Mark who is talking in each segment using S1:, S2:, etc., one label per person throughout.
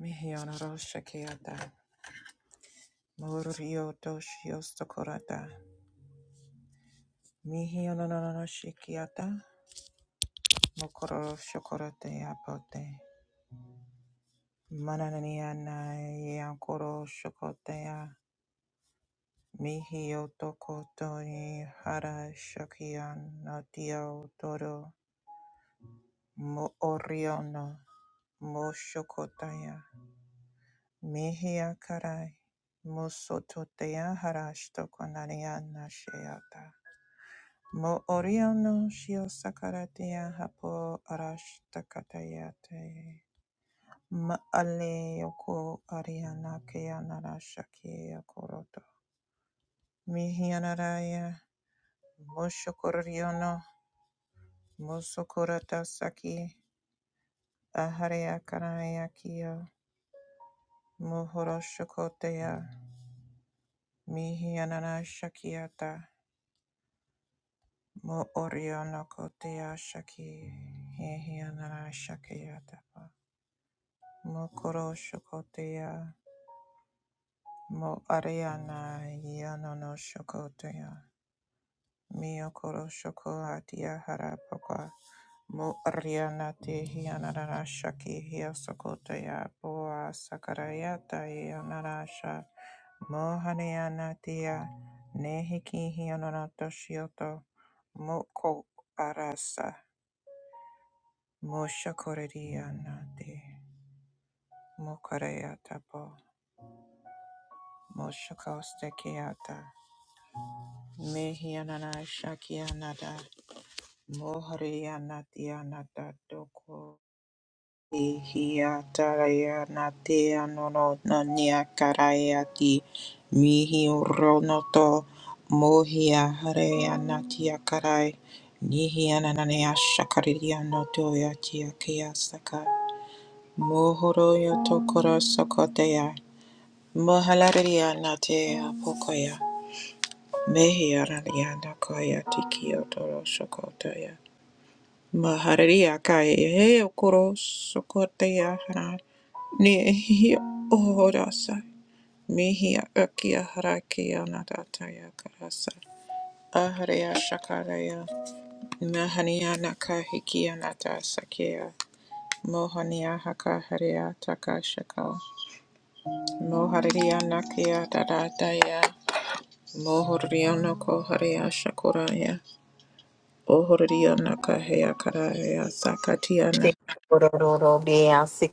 S1: Mihianaro Shakiata Murio Doshiosta Korata Mihianano Shikiata Mokoro Shokorate Apote Mananiana Yankoro Shokotea Mihio Tokotoni Hara Shakian Nadio Dodo Mo Oriono Mo Shokotaya Mihia Karai Musototea Harashtokonaniana Sheata Mo oriono shio sakaratea hapo arashtakatayate. Ma ale yoko ariana keana rashake yakoroto. Mihianaraya moshokoriono mosokorata saki aharea karaya kio mohoroshokotea mihianana shakiata mo oriono kotea shaki hehianara shakiata. Mokoro Shokotea Mo Ariana Yanono Shokotea Miyokoro Shokohatia Harapaka Mo Ariana Te Hianara Shaki Hia Sokotea Boa Sakarayata Yanarasha Mohaniana Tia Nehiki Hianona Toshioto Moko Arasa Moshakorediana Te Mokareata Po Moshakostekiata Mehianana Shakianada Moharianatianata Doko Hiatarayanatia Nono Nania Karayati Mihironoto Mohia Hareanatia Karai Nihiananania Shakariano Toyatia Kiasaka Mohoroyo Tokoro Sokotea Mohalarianatea Pokoya Mehi araliana kaya tikio toro sokotaya. Maharia kaya he okoro sokotaya hara. Nehi ohorasa. Mehi akia harakia natataya karasa. Aharia shakaraya. Mahaniana kahikia natasakea. Mohania hakaharia takashaka. Moharia nakia dadataya. Mohoriana koharia shakuraya. Ohoriana kahea kararea
S2: Te
S1: sakatiana.
S2: kororo bea se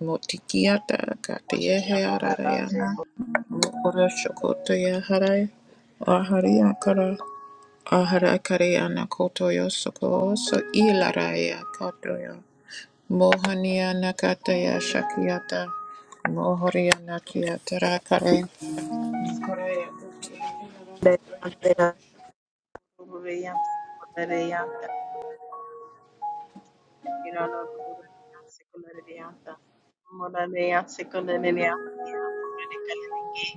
S1: Motikiata katiehe
S2: kororo
S1: ararayana. Mokora shokotoya harai. Aharia kara. Ahara kareana kotoyo soko so ilaraya kotoyo. Mohaniana kataya
S2: Thank
S1: shakiata. Mohoriana kiatara kare. Koraya
S2: you.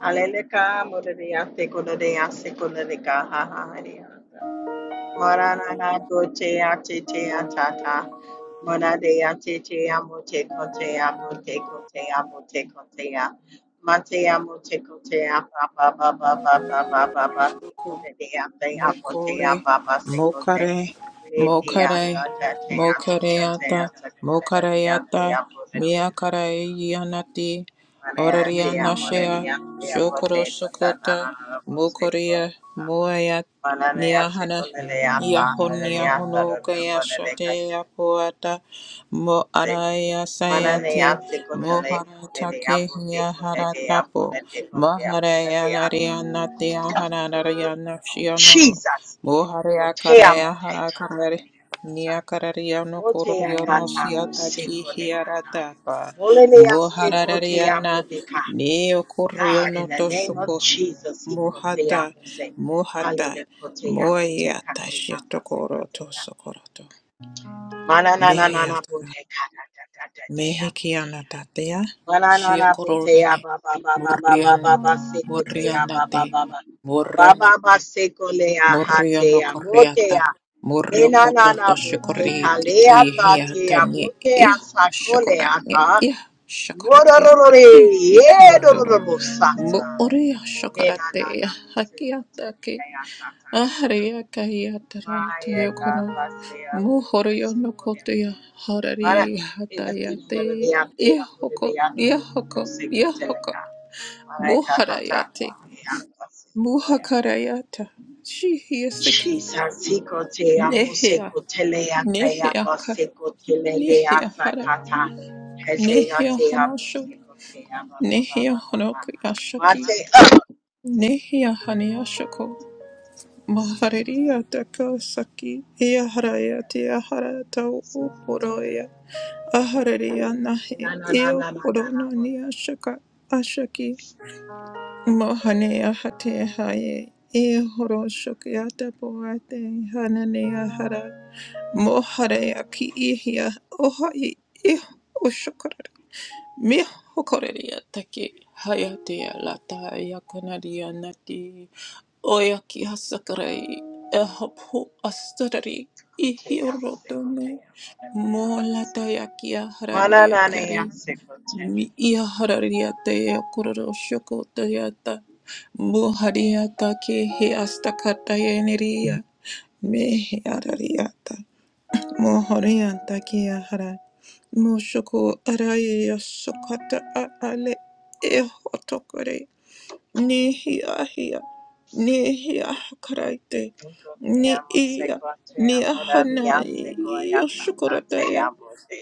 S2: Hallelujah. Marana bote ate te atata. Monade ate te amote kote abote kote abote kote ya. Mate amote kote ya ba ba ba ba ba ba ba ba ba se kote de ate abote
S1: Mokore,
S2: ya ba ba se kote.
S1: mokare,
S2: Le te
S1: mokare,
S2: ata ta te ata ta te
S1: mokareata,
S2: ata kote na de
S1: mokareata,
S2: ate abote de ate abote.
S1: miakareianati,
S2: Mane ate amore
S1: orarianashea,
S2: de ate
S1: shokoro
S2: abote kote na na
S1: sokota,
S2: na na bo se
S1: mokorea,
S2: kote.
S1: moaya,
S2: Mananaya
S1: niahana,
S2: Sekuneleata
S1: Yahon,
S2: Hariata
S1: honokaya shate
S2: Rubaneka
S1: apoata, Mo araya
S2: Mananaya
S1: sayati mo
S2: Sekutale Pune
S1: haratake
S2: Apute,
S1: moharatake
S2: Kune de Abu Tekune de Abu
S1: haratapo
S2: Tekote Abu
S1: maharaya
S2: Deata.
S1: lariana tia hararariana shionoro
S2: Jesus.
S1: moharaya
S2: Gotea
S1: karaya
S2: motea gata
S1: harakarari niakarariano
S2: Motea
S1: kororiono
S2: gata mo
S1: siataki
S2: seko
S1: hiaratapa
S2: Molelea seko te
S1: mohararariana neo
S2: God,
S1: kororiono
S2: in the name of
S1: toshuko
S2: Jesus, he kotea
S1: mohata
S2: mo se.
S1: mohata
S2: Hallelujah. Kotea mo te
S1: moyata
S2: katea mo
S1: shiatokoro tosokoroto
S2: Mananana
S1: mehiyata
S2: bote kata tata tatea bote.
S1: Mehikianatatea,
S2: Mananana bote ya
S1: Shiokorone,
S2: ba ba ba ba ba ba ba ba
S1: Murianata,
S2: seko te ya ba ba
S1: Murianate,
S2: ba ba. Ba ba
S1: Murono
S2: ba seko le ya ha te
S1: Muriano
S2: ya mo te
S1: Coriata,
S2: ya.
S1: Murio
S2: Nena nana
S1: Cototo
S2: bote
S1: Shikori,
S2: kale ya
S1: Tiki
S2: ta te ya
S1: Hiatani,
S2: bote ya
S1: I
S2: sako le ya
S1: Shokorani,
S2: ta.
S1: I Shokoratia,
S2: Morororore
S1: I
S2: ye
S1: Ikiotoro,
S2: dororo sata.
S1: Muria
S2: Nena nana
S1: Shokoratea,
S2: bote ko te le
S1: Hakiataki.
S2: ya ta ta te ya.
S1: Ahariya kaya tara
S2: Maya
S1: taya kono
S2: Gabasea
S1: muhoriyo no
S2: Sequoia.
S1: kotoya
S2: Para
S1: harari
S2: en la tira de
S1: hatayate
S2: Diante, Apure
S1: ihoko
S2: de Yanda,
S1: ihoko
S2: Seco
S1: ihoko
S2: Teleca, Malaika
S1: buharayate
S2: Hataka, Yanda Sequoia.
S1: muhakarayata shihiyaseki
S2: Jesus, Seco Te Amo
S1: nehya
S2: Seco Telea, Diabo
S1: nehyaka
S2: Seco Telea
S1: nehyahara
S2: Sakata, Hesea Te Amo
S1: nehyahanasho
S2: Seco Te Amo Baba Baba.
S1: nehyahanokuyashaki
S2: Mate up.
S1: nehyahaniashoko Mahareria takasaki iaharaya
S2: Manana
S1: tiahara tau uporoya ahareria nahi il urononia shaka ashaki mohanea hate haye ihoro shokyata poate hananea hara mohareya ki ihia ohai ih ushokara mi hokoreria take hayatea lata yakanaria nati Oyaki hasakarei ehapu astarari ihirodone molatayakia hararia kari mi ia hararia teya kuroro shoko tayata muhariata ke he astakata yeneria me he arariata mohorianta ke ahara mushoko araya sokata a ale eho ni hia hia, ni hia karaite, ni ia, ni hanai, yoshukurataya,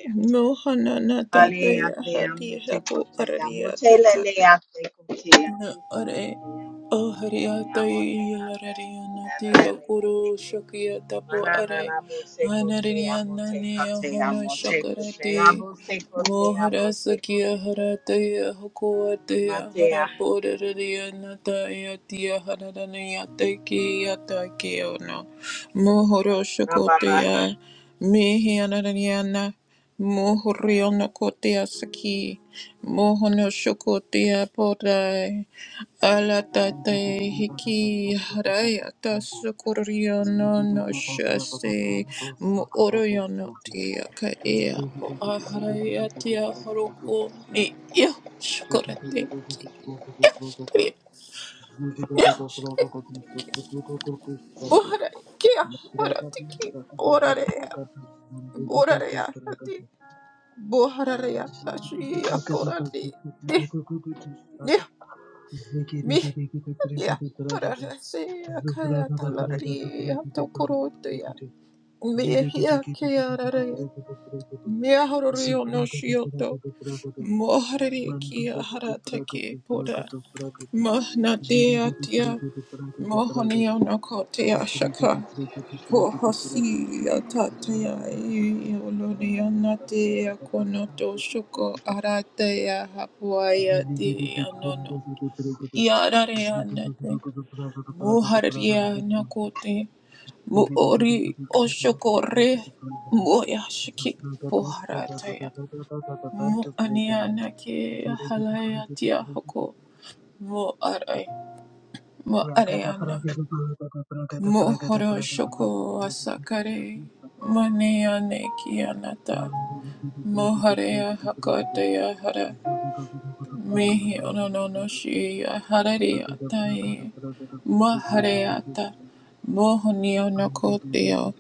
S1: mohana natataya, hati araria Na ore ahariata yilariana tia guru shakya tapo
S2: Mana Na
S1: are
S2: na bo se kote,
S1: anariana
S2: amote
S1: niya
S2: kote,
S1: hono
S2: amote kote,
S1: shakarati
S2: Manananabosekote, kote, amotekote, abosekote,
S1: mohara sakya
S2: abosekote.
S1: harataya hukuataya
S2: Matea,
S1: haraporariana taia tia hararanaya taiki yata kiyono mohoro
S2: rababa.
S1: shakotaya mihi anariana mohoriana kotaya saki Mohono shokotia podai
S3: Thank
S1: alatate
S3: you.
S1: hiki harayata sukuriono no shase muoriono tia kaea po aharayatia haruko ni yo shokorate tria yo boharai kia haratiki borarea borarea hati bohararea tashi akorati ni ni Ya, ahora sí, acá ya
S3: Zubragada
S1: está la ría, está corota ya. Me ya que ya la no shioto. Mohari ki ahara te ki pura. Mahna te
S3: Zvirigiti pirigiti
S1: atia,
S3: piragata piragata.
S1: mohonio no kote
S3: Zvirigiti
S1: ashaka.
S3: pirigiti pirigiti piragata.
S1: Hohosi atatea
S3: Zvirigiti
S1: e
S3: pirigiti piragata.
S1: olonia natea
S3: Zviragata pakhanda
S1: konoto shoko
S3: piragata.
S1: aratea hapuaya
S3: Zvirigiti
S1: te anono.
S3: pirigiti pirigiti piragata.
S1: Yarare
S3: Zvirigiti
S1: anate.
S3: pirigiti piragata piragata piragata.
S1: Mohararia nakote,
S3: Thank
S1: moori oshokore, moyashiki poharataya, mo aniana ke halayatia hoko, mo arai, mo areana, mo horoshoko asakare, maneane kianata, moharea hakataya hara. Mihi ono no no shi harari atai mahariata mohonio no kotio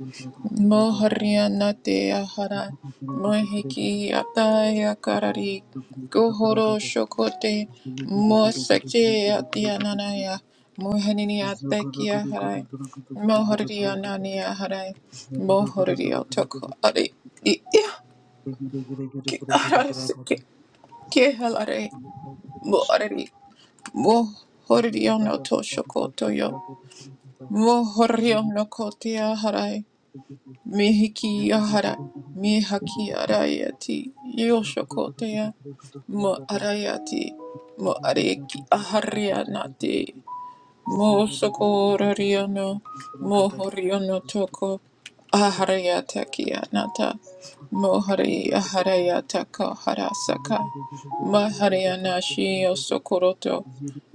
S1: mohariana te ahara mohiki atai akarari kohoro
S3: you.
S1: shokote
S3: Zigga
S1: mosakte atiananaya mohanini ateki aharai mohorio nani aharai mohorio toko ari i i- ki- arare se- ki- ki helare mo Wo horio no to shokoto yo. Wo horio no kote harai. Mihiki harai. Mihaki arayati. Yo shokote ya. Mo arayati. Mo areki aharianati. Mosokororiano, Mohoriano toko,
S3: Ziggy,
S1: Ahariatakianata, Mohari Aharayataka Harasaka, Mahariana Shio Sokoroto,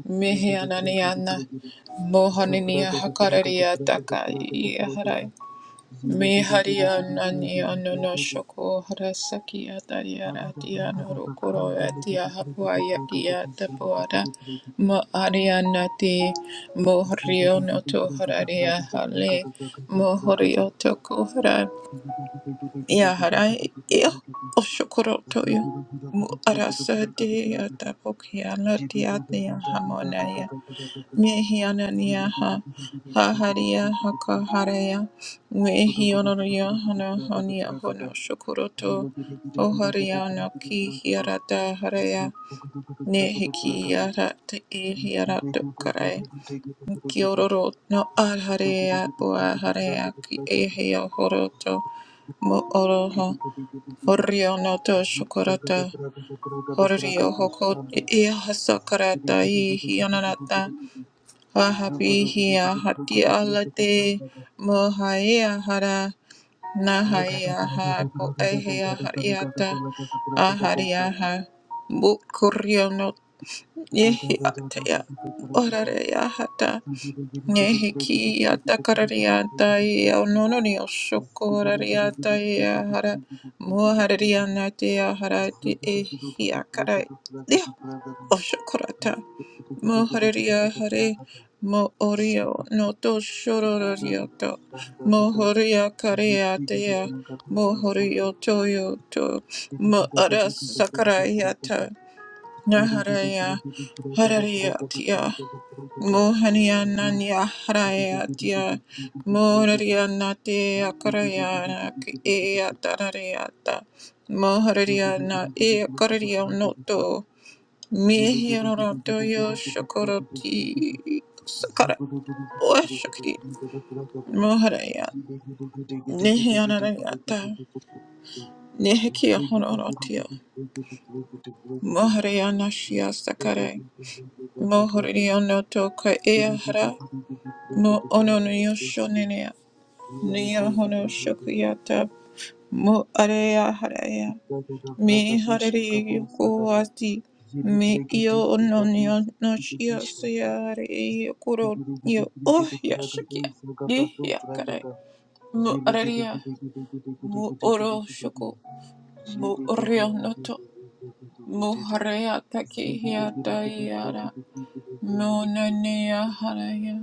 S1: Mihiananiana, Mohaniniya Hakarariataka, me haria nani anono shoko harasaki atariara dia norokoro atia hapua yakia tapuara mo aria nati mo horio no to hararia hale mo horio to kohara ya harai yo o shokoro
S3: Zugu
S1: toyo mo arasa de atapokia la dia hamona Nehianania ha ha haria haka haria Nehionoria hana hōnia hono shokuroto o haria no ki hiarata haria ne hiki yarata e hiarato karai Kiororo no al haria boa haria ki e hio horoto mo oroho Horio no to shokurata Horio hoko e e hasakara i hionanata
S3: Zugudu
S1: Wahapihi ahati
S3: Bragata,
S1: alate mohai ahara nahai aha poehi ahariata ahari aha bukuriono yehi ataya orare ahata yehi ki atakarariata yaonono yoshokorariata yahara moharariana te ahara te Oshokorata Mohoria Hare Mo Orio Noto Shororioto Mohoria Kareatea
S3: Santa
S1: Mohorio Toyoto Mo
S3: Ziggy,
S1: Ara Sakarayata Naharaya Harariatia Mohania Nanya Harayatia Mohoria Nate Akarayana Eatarariata Mohoria Na Eakararia Noto Mihirorotoyo shokoroti sakara oshokiri moharaya nihianarayata nihikiya hororotiyo moharaya
S3: Ziggy
S1: shia sakare mohoriyo noto ka eahara mo ononiyo shoneneya niya hono shokuyata mo areya haraya Me harere yoko ati. Me io ono nio no shio seare io kuro io oh ya shakia di ya kare mu araria mu oro shoko mu rio noto mu harea take hia taiara mu nane ya haraya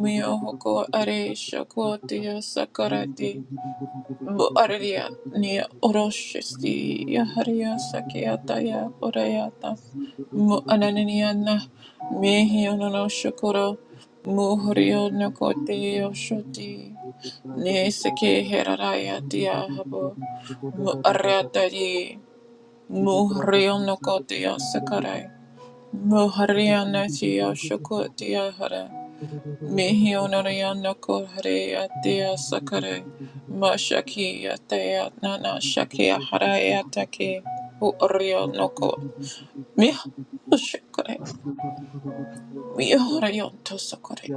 S1: mi hoko are shoko te ya sakarate Bu araria ni oroshisti yaharia sakiata ya orayata. Mu anananiana mehi onono shukuro. Mu horio nokote yoshoti. Ne seke heraraya tia habo. Mu arata di. Mu horio nokote yosakarai. Mu haria nati yoshukote yahara. Mihi onorayana kohare atea sakare mashaki atea nana
S3: Thank
S1: shaki ahare atake u oreo noko Mih? shakare mi oreo to sakare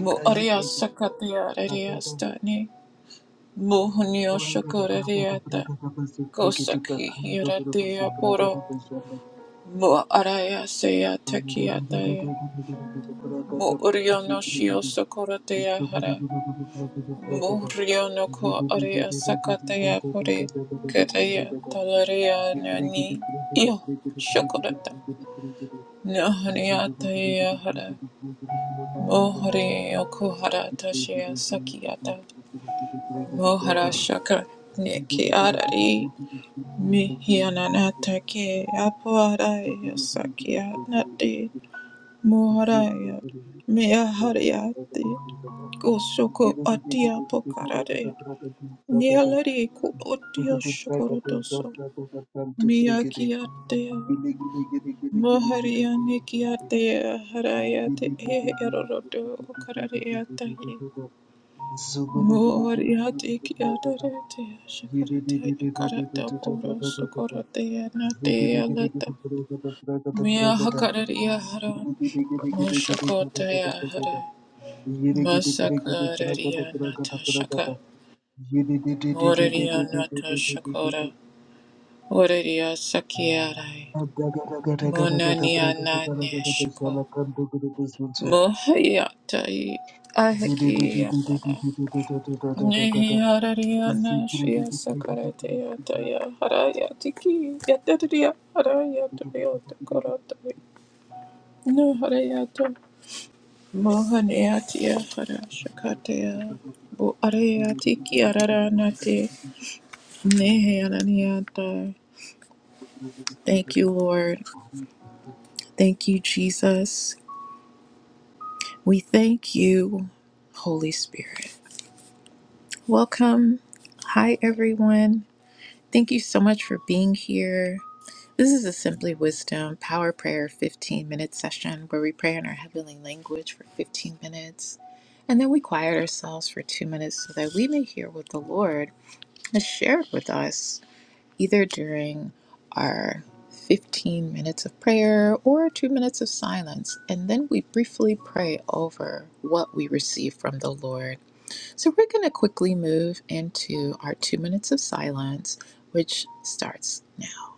S1: mu oreo sakatea rerea stani mu hunio shakare reata kosaki hiratea poro mu araya seya takiataya mu oreo no shio
S3: you.
S1: sakore
S3: Thank
S1: hara
S3: you.
S1: Murionoko Aria Sakataya Puri Kadaya Talaria Nani Io Shokurata Nahariataya Hara Mohari Okuhara Tashia Sakiata Mohara Shakra Neki Arari Mihiananata Ke Aparaya Sakia Nati Moharaya Mea Hariati Goshoko Atia pokara
S3: Ziggy
S1: Nialari ku odio shokorodoso. Miyakiatea. Moharianikiatea harayate e erorodo karariatahi. Mohariate kiadarete shakarata yakarata oro sokorotea natea alata Mia hakararia hara. Moshokotea hara. Masakararia nata shaka. Moraria nata shakora. Oraria sakiarai. Munaniana Neshko. Mohayata Ahakiyatara. Nihiarariana Shia Sakaratayataya Harayatiki Yatariya Harayatariota Koratari. No Harayato. Mohaniatia Harashakataya. Bu Arayatiki Araranate. Nihiaraniata. Thank you, Lord. Thank you, Jesus. We thank you, Holy Spirit. Welcome. Hi, everyone. Thank you so much for being here. This is a Simply Wisdom Power Prayer 15 minute session where we pray in our heavenly language for 15 minutes and then we quiet ourselves for two minutes so that we may hear what the Lord has shared with us either during our 15 minutes of prayer or two minutes of silence, and then we briefly pray over what we receive from the Lord. So we're going to quickly move into our two minutes of silence, which starts now.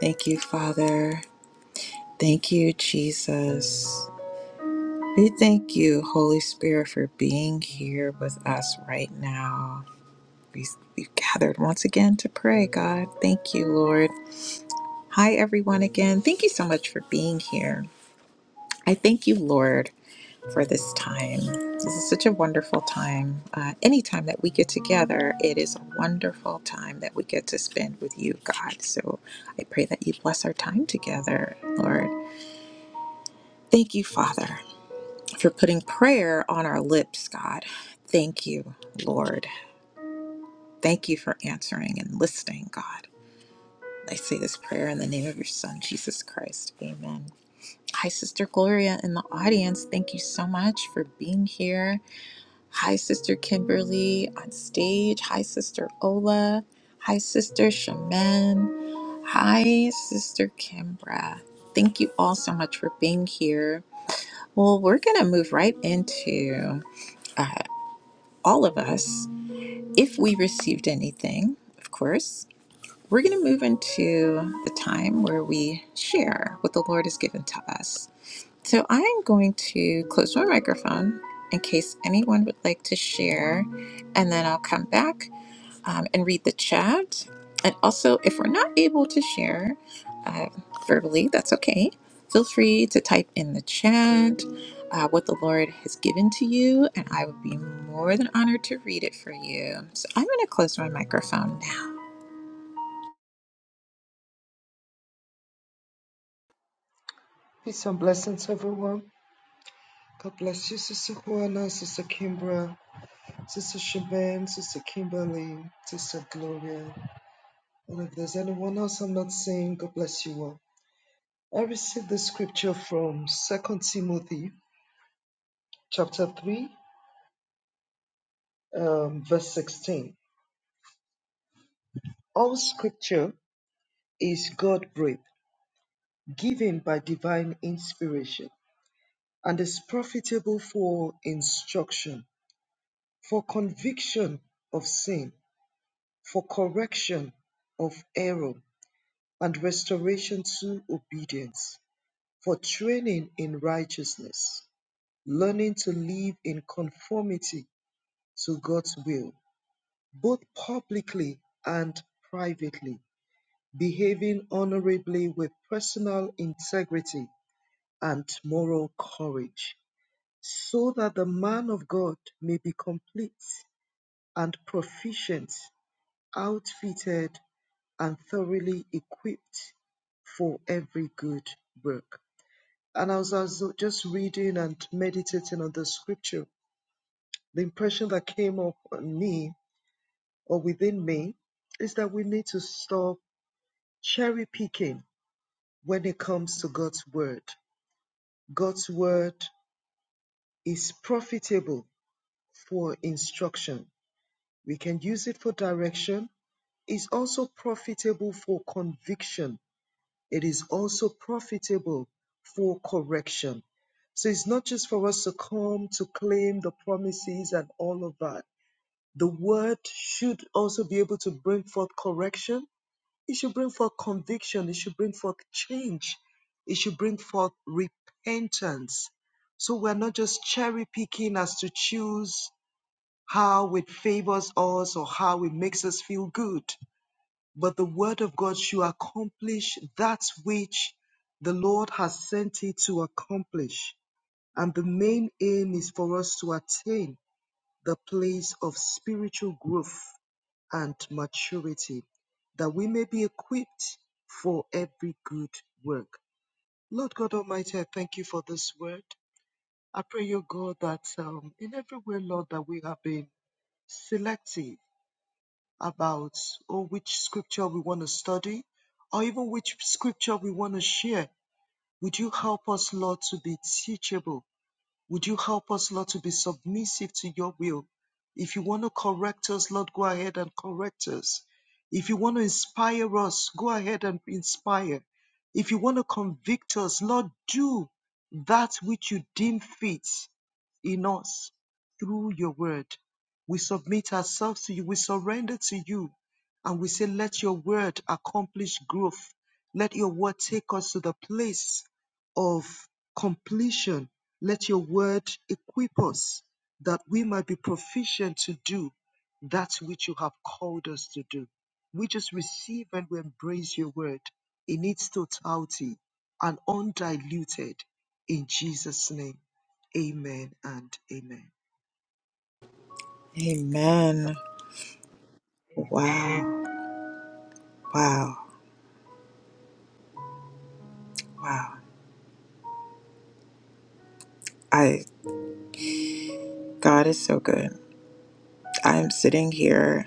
S1: Thank you, Father. Thank you, Jesus. We thank you, Holy Spirit, for being here with us right now. We, we've gathered once again to pray, God. Thank you, Lord. Hi, everyone, again. Thank you so much for being here. I thank you, Lord, for this time. This is such a wonderful time. Uh, anytime that we get together, it is a wonderful time that we get to spend with you, God. So I pray that you bless our time together, Lord. Thank you, Father, for putting prayer on our lips, God. Thank you, Lord. Thank you for answering and listening, God. I say this prayer in the name of your Son, Jesus Christ. Amen. Hi, Sister Gloria in the audience. Thank you so much for being here. Hi, Sister Kimberly on stage. Hi, Sister Ola. Hi, Sister Shaman. Hi, Sister Kimbra. Thank you all so much for being here. Well, we're going to move right into uh, all of us. If we received anything, of course, we're going to move into the time where we share what the Lord has given to us. So I am going to close my microphone in case anyone would like to share, and then I'll come back um, and read the chat. And also, if we're not able to share uh, verbally, that's okay. Feel free to type in the chat uh, what the Lord has given to you, and I would be more than honored to read it for you. So I'm going to close my microphone now.
S3: Peace and blessings, everyone. God bless you, Sister Juana, Sister Kimbra. Sister Shaban, Sister Kimberly, Sister Gloria, and if there's anyone else I'm not seeing, God bless you all. I received this scripture from Second Timothy chapter 3, um, verse 16. All scripture is God breathed, given by divine inspiration, and is profitable for instruction, for conviction of sin, for correction of error, and restoration to obedience for training in righteousness, learning to live in conformity to God's will, both publicly and privately, behaving honorably with personal integrity and moral courage, so that the man of God may be complete and proficient, outfitted and thoroughly equipped for every good work. And as I was just reading and meditating on the scripture, the impression that came up on me or within me is that we need to stop cherry picking when it comes to God's word. God's word is profitable for instruction. We can use it for direction. It's also profitable for conviction It is also profitable for correction. So it's not just for us to come to claim the promises and all of that. The word should also be able to bring forth correction. It should bring forth conviction. It should bring forth change. It should bring forth repentance. So we're not just cherry picking as to choose how it favors us or how it makes us feel good but the word of God should accomplish that which the Lord has sent it to accomplish. And the main aim is for us to attain the place of spiritual growth and maturity, that we may be equipped for every good work. Lord God Almighty, I thank you for this word. I pray, your God, that um, in every way, Lord, that we have been selective about oh, which scripture we want to study or even which scripture we want to share. Would you help us, Lord, to be teachable? Would you help us, Lord, to be submissive to your will? If you want to correct us, Lord, go ahead and correct us. If you want to inspire us, go ahead and inspire. If you want to convict us, Lord, do that which you deem fit in us through your word. We submit ourselves to you, we surrender to you, and we say, Let your word accomplish growth. Let your word take us to the place of completion let your word equip us that we might be proficient to do that which you have called us to do. We just receive and we embrace your word in its totality and undiluted. In Jesus' name, amen and amen.
S1: Amen. Wow. Wow. Wow. I God is so good. I'm sitting here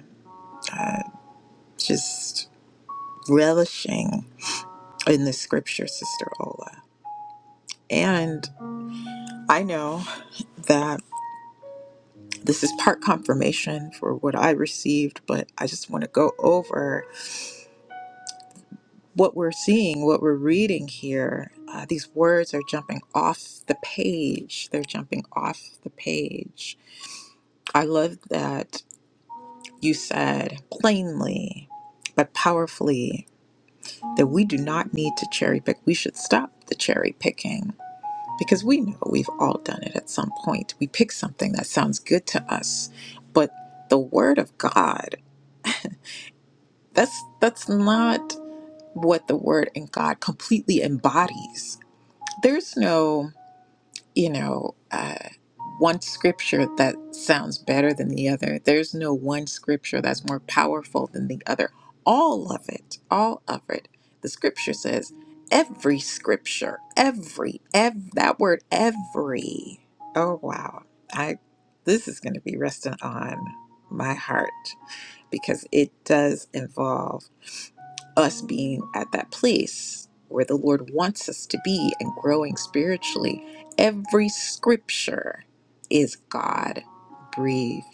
S1: uh, just relishing in the scripture, Sister Ola. And I know that this is part confirmation for what I received, but I just want to go over what we're seeing, what we're reading here. Uh, these words are jumping off the page. They're jumping off the page. I love that you said plainly, but powerfully that we do not need to cherry pick. We should stop the cherry picking because we know we've all done it at some point. We pick something that sounds good to us, but the word of God, that's that's not what the word in God completely embodies. There's no you know, uh, one scripture that sounds better than the other. There's no one scripture that's more powerful than the other. All of it, all of it. The scripture says every scripture, every, ev- that word every. Oh wow, I this is going to be resting on my heart because it does involve us being at that place where the Lord wants us to be and growing spiritually. Every scripture is God breathed,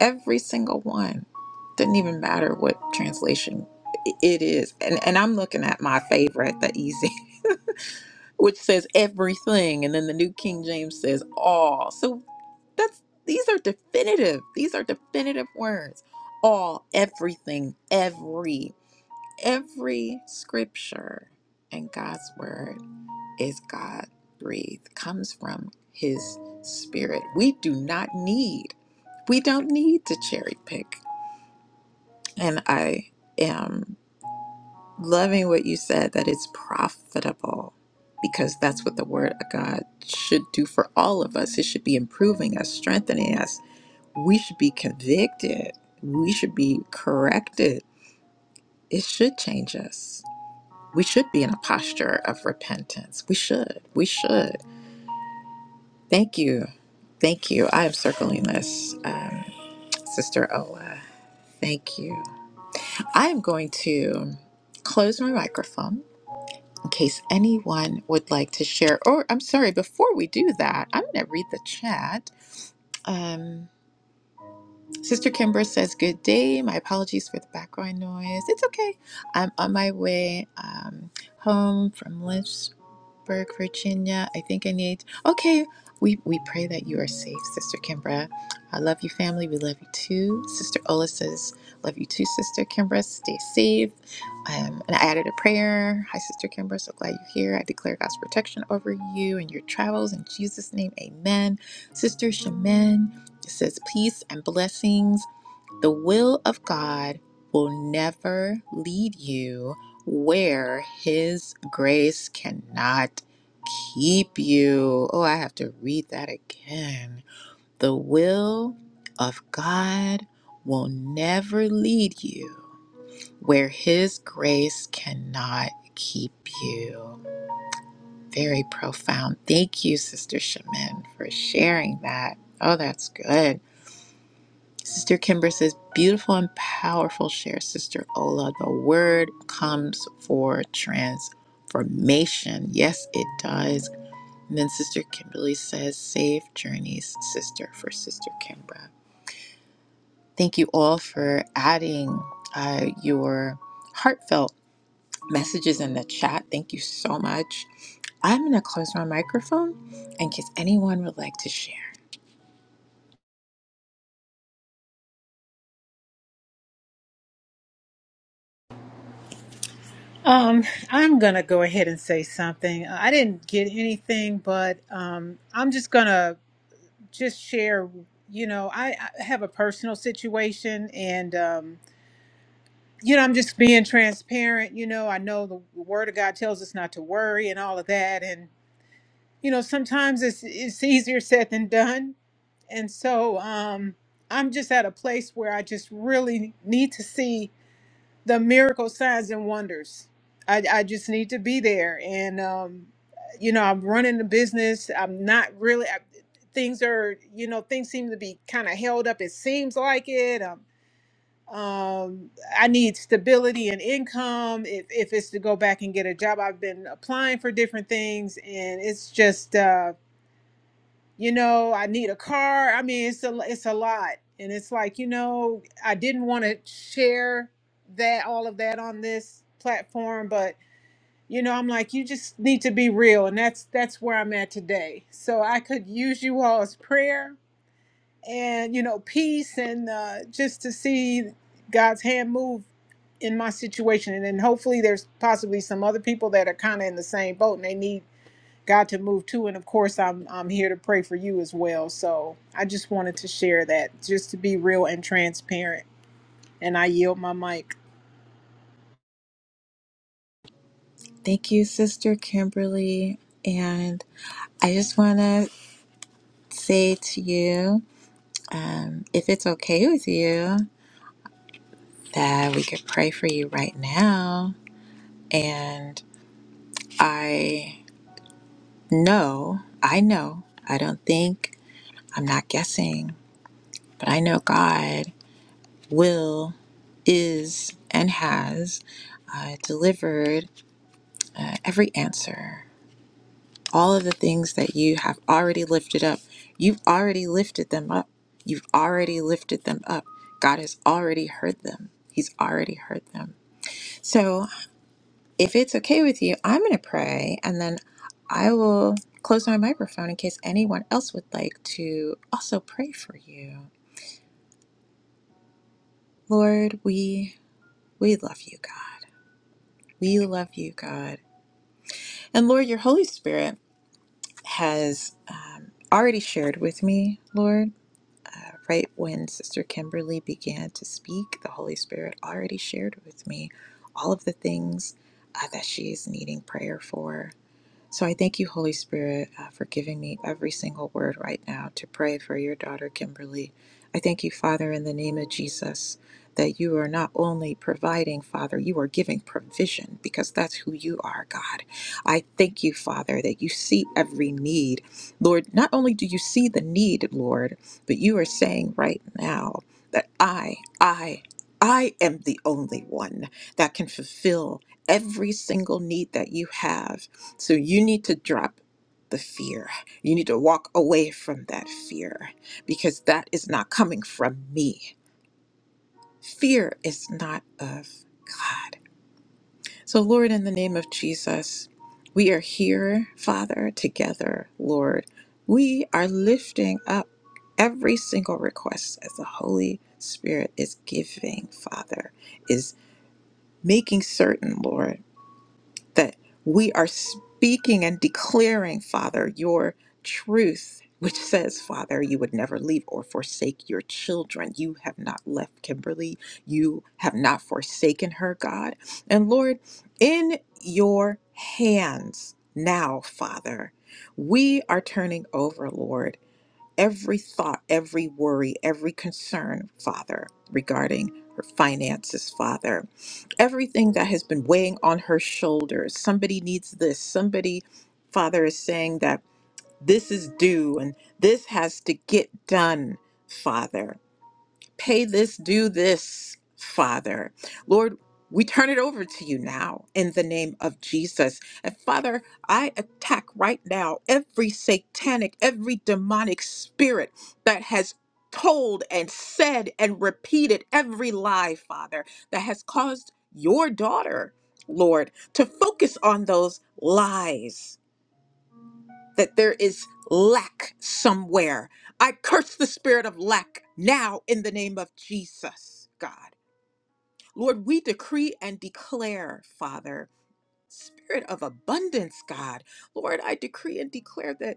S1: every single one. Doesn't even matter what translation it is. And, and I'm looking at my favorite, the easy, which says everything. And then the New King James says all. So that's these are definitive. These are definitive words. All, everything, every. Every scripture and God's word is God breathed, comes from His Spirit. We do not need, we don't need to cherry pick. And I am loving what you said that it's profitable because that's what the Word of God should do for all of us. It should be improving us, strengthening us. We should be convicted, we should be corrected. It should change us we should be in a posture of repentance. We should. We should. Thank you. Thank you. I am circling this, um, Sister Ola. Thank you. I am going to close my microphone in case anyone would like to share. Or, I'm sorry, before we do that, I'm going to read the chat. Um, Sister Kimber says, Good day. My apologies for the background noise. It's okay. I'm on my way um, home from lunch Pittsburgh, Virginia. I think I need. Okay, we we pray that you are safe, Sister Kimbra. I love you, family. We love you too. Sister Ola says, "Love you too, Sister Kimbra. Stay safe." Um, and I added a prayer. Hi, Sister Kimbra. So glad you're here. I declare God's protection over you and your travels in Jesus' name. Amen. Sister Shaman says, "Peace and blessings." The will of God will never lead you where His grace cannot keep you. Oh, I have to read that again. The will of God will never lead you where His grace cannot keep you. Very profound. Thank you, Sister Shemin, for sharing that. Oh, that's good. Sister Kimber says, beautiful and powerful share, Sister Ola. The word comes for transformation. Yes, it does. And then Sister Kimberly says, safe journeys, sister, for Sister Kimbra. Thank you all for adding uh, your heartfelt messages in the chat. Thank you so much. I'm going to close my microphone in case anyone would like to share.
S4: Um, I'm gonna go ahead and say something. I didn't get anything, but um, I'm just gonna just share. You know, I, I have a personal situation, and um, you know, I'm just being transparent. You know, I know the Word of God tells us not to worry and all of that, and you know, sometimes it's it's easier said than done. And so, um, I'm just at a place where I just really need to see the miracle signs and wonders. I, I just need to be there. And, um, you know, I'm running the business. I'm not really, I, things are, you know, things seem to be kind of held up. It seems like it. Um, um, I need stability and income. If, if it's to go back and get a job, I've been applying for different things and it's just, uh, you know, I need a car. I mean, it's a it's a lot, and it's like you know, I didn't want to share that all of that on this platform, but you know, I'm like, you just need to be real, and that's that's where I'm at today. So I could use you all's prayer and you know, peace, and uh, just to see God's hand move in my situation, and then hopefully there's possibly some other people that are kind of in the same boat, and they need God to move to. And of course, I'm I'm here to pray for you as well. So I just wanted to share that, just to be real and transparent. And I yield my mic.
S1: Thank you, Sister Kimberly. And I just want to say to you, um, if it's okay with you, that we could pray for you right now. And I know, I know, I don't think, I'm not guessing, but I know God will, is, and has uh, delivered uh, every answer all of the things that you have already lifted up. You've already lifted them up. You've already lifted them up. God has already heard them. He's already heard them. So, if it's okay with you, I'm going to pray and then I will close my microphone in case anyone else would like to also pray for you. Lord, we we love you, God. We love you, God. And Lord, your Holy Spirit has um, already shared with me, Lord. Uh, right when Sister Kimberly began to speak, the Holy Spirit already shared with me all of the things uh, that she is needing prayer for so I thank you, Holy Spirit, uh, for giving me every single word right now to pray for your daughter, Kimberly. I thank you, Father, in the name of Jesus, that you are not only providing, Father, you are giving provision because that's who you are, God. I thank you, Father, that you see every need. Lord, not only do you see the need, Lord, but you are saying right now that I, I, I am the only one that can fulfill every single need that you have so you need to drop the fear. You need to walk away from that fear because that is not coming from me. Fear is not of God. So, Lord, in the name of Jesus, we are here, Father, together, Lord. We are lifting up every single request as the Holy Spirit is giving, Father, is making certain, Lord. that we are speaking and declaring, Father, your truth, which says, Father, you would never leave or forsake your children. You have not left Kimberly. You have not forsaken her, God. And Lord, in your hands now, Father, we are turning over, Lord, every thought, every worry, every concern, Father, regarding her finances, Father everything that has been weighing on her shoulders. Somebody needs this. Somebody, Father, is saying that this is due and this has to get done, Father. Pay this, do this, Father. Lord, we turn it over to you now in the name of Jesus. And Father, I attack right now every satanic, every demonic spirit that has told and said and repeated every lie, Father, that has caused your daughter, Lord, to focus on those lies that there is lack somewhere. I curse the spirit of lack now in the name of Jesus, God. Lord, we decree and declare, Father, spirit of abundance, God. Lord, I decree and declare that.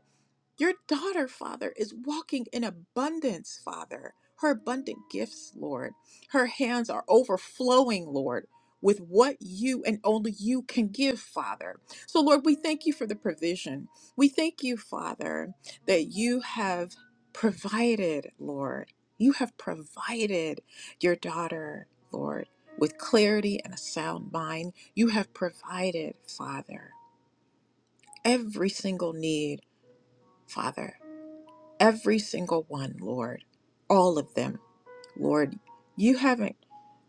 S1: Your daughter, Father, is walking in abundance, Father. Her abundant gifts, Lord. Her hands are overflowing, Lord, with what you and only you can give, Father. So, Lord, we thank you for the provision. We thank you, Father, that you have provided, Lord. You have provided your daughter, Lord, with clarity and a sound mind. You have provided, Father, every single need, Father. Every single one, Lord. All of them. Lord, you haven't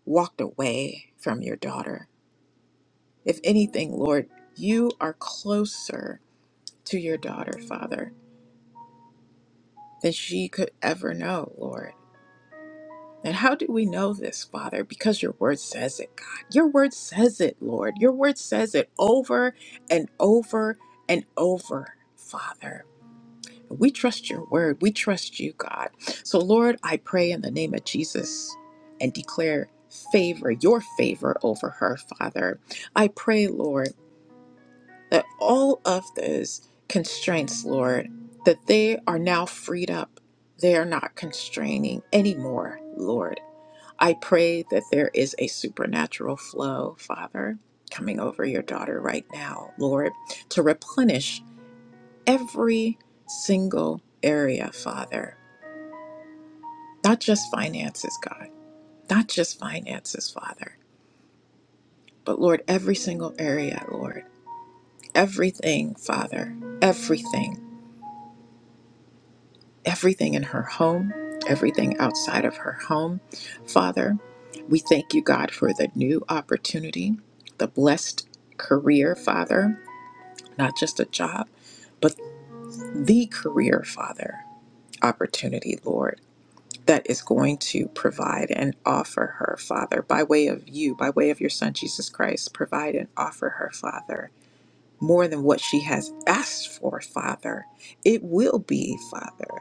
S1: walked away from your daughter. If anything, Lord, you are closer to your daughter, Father, than she could ever know, Lord. And how do we know this, Father? Because your word says it, God. Your word says it, Lord. Your word says it over and over and over, Father. We trust your word. We trust you, God. So, Lord, I pray in the name of Jesus and declare favor, your favor over her, Father. I pray, Lord, that all of those constraints, Lord, that they are now freed up. They are not constraining anymore, Lord. I pray that there is a supernatural flow, Father, coming over your daughter right now, Lord, to replenish every single area, Father. Not just finances, God. Not just finances, Father. But Lord, every single area, Lord. Everything, Father. Everything. Everything in her home, everything outside of her home. Father, we thank you, God, for the new opportunity, the blessed career, Father. Not just a job, but the career, Father. Opportunity, Lord. that is going to provide and offer her, Father, by way of you, by way of your Son, Jesus Christ, provide and offer her, Father, more than what she has asked for, Father. It will be, Father.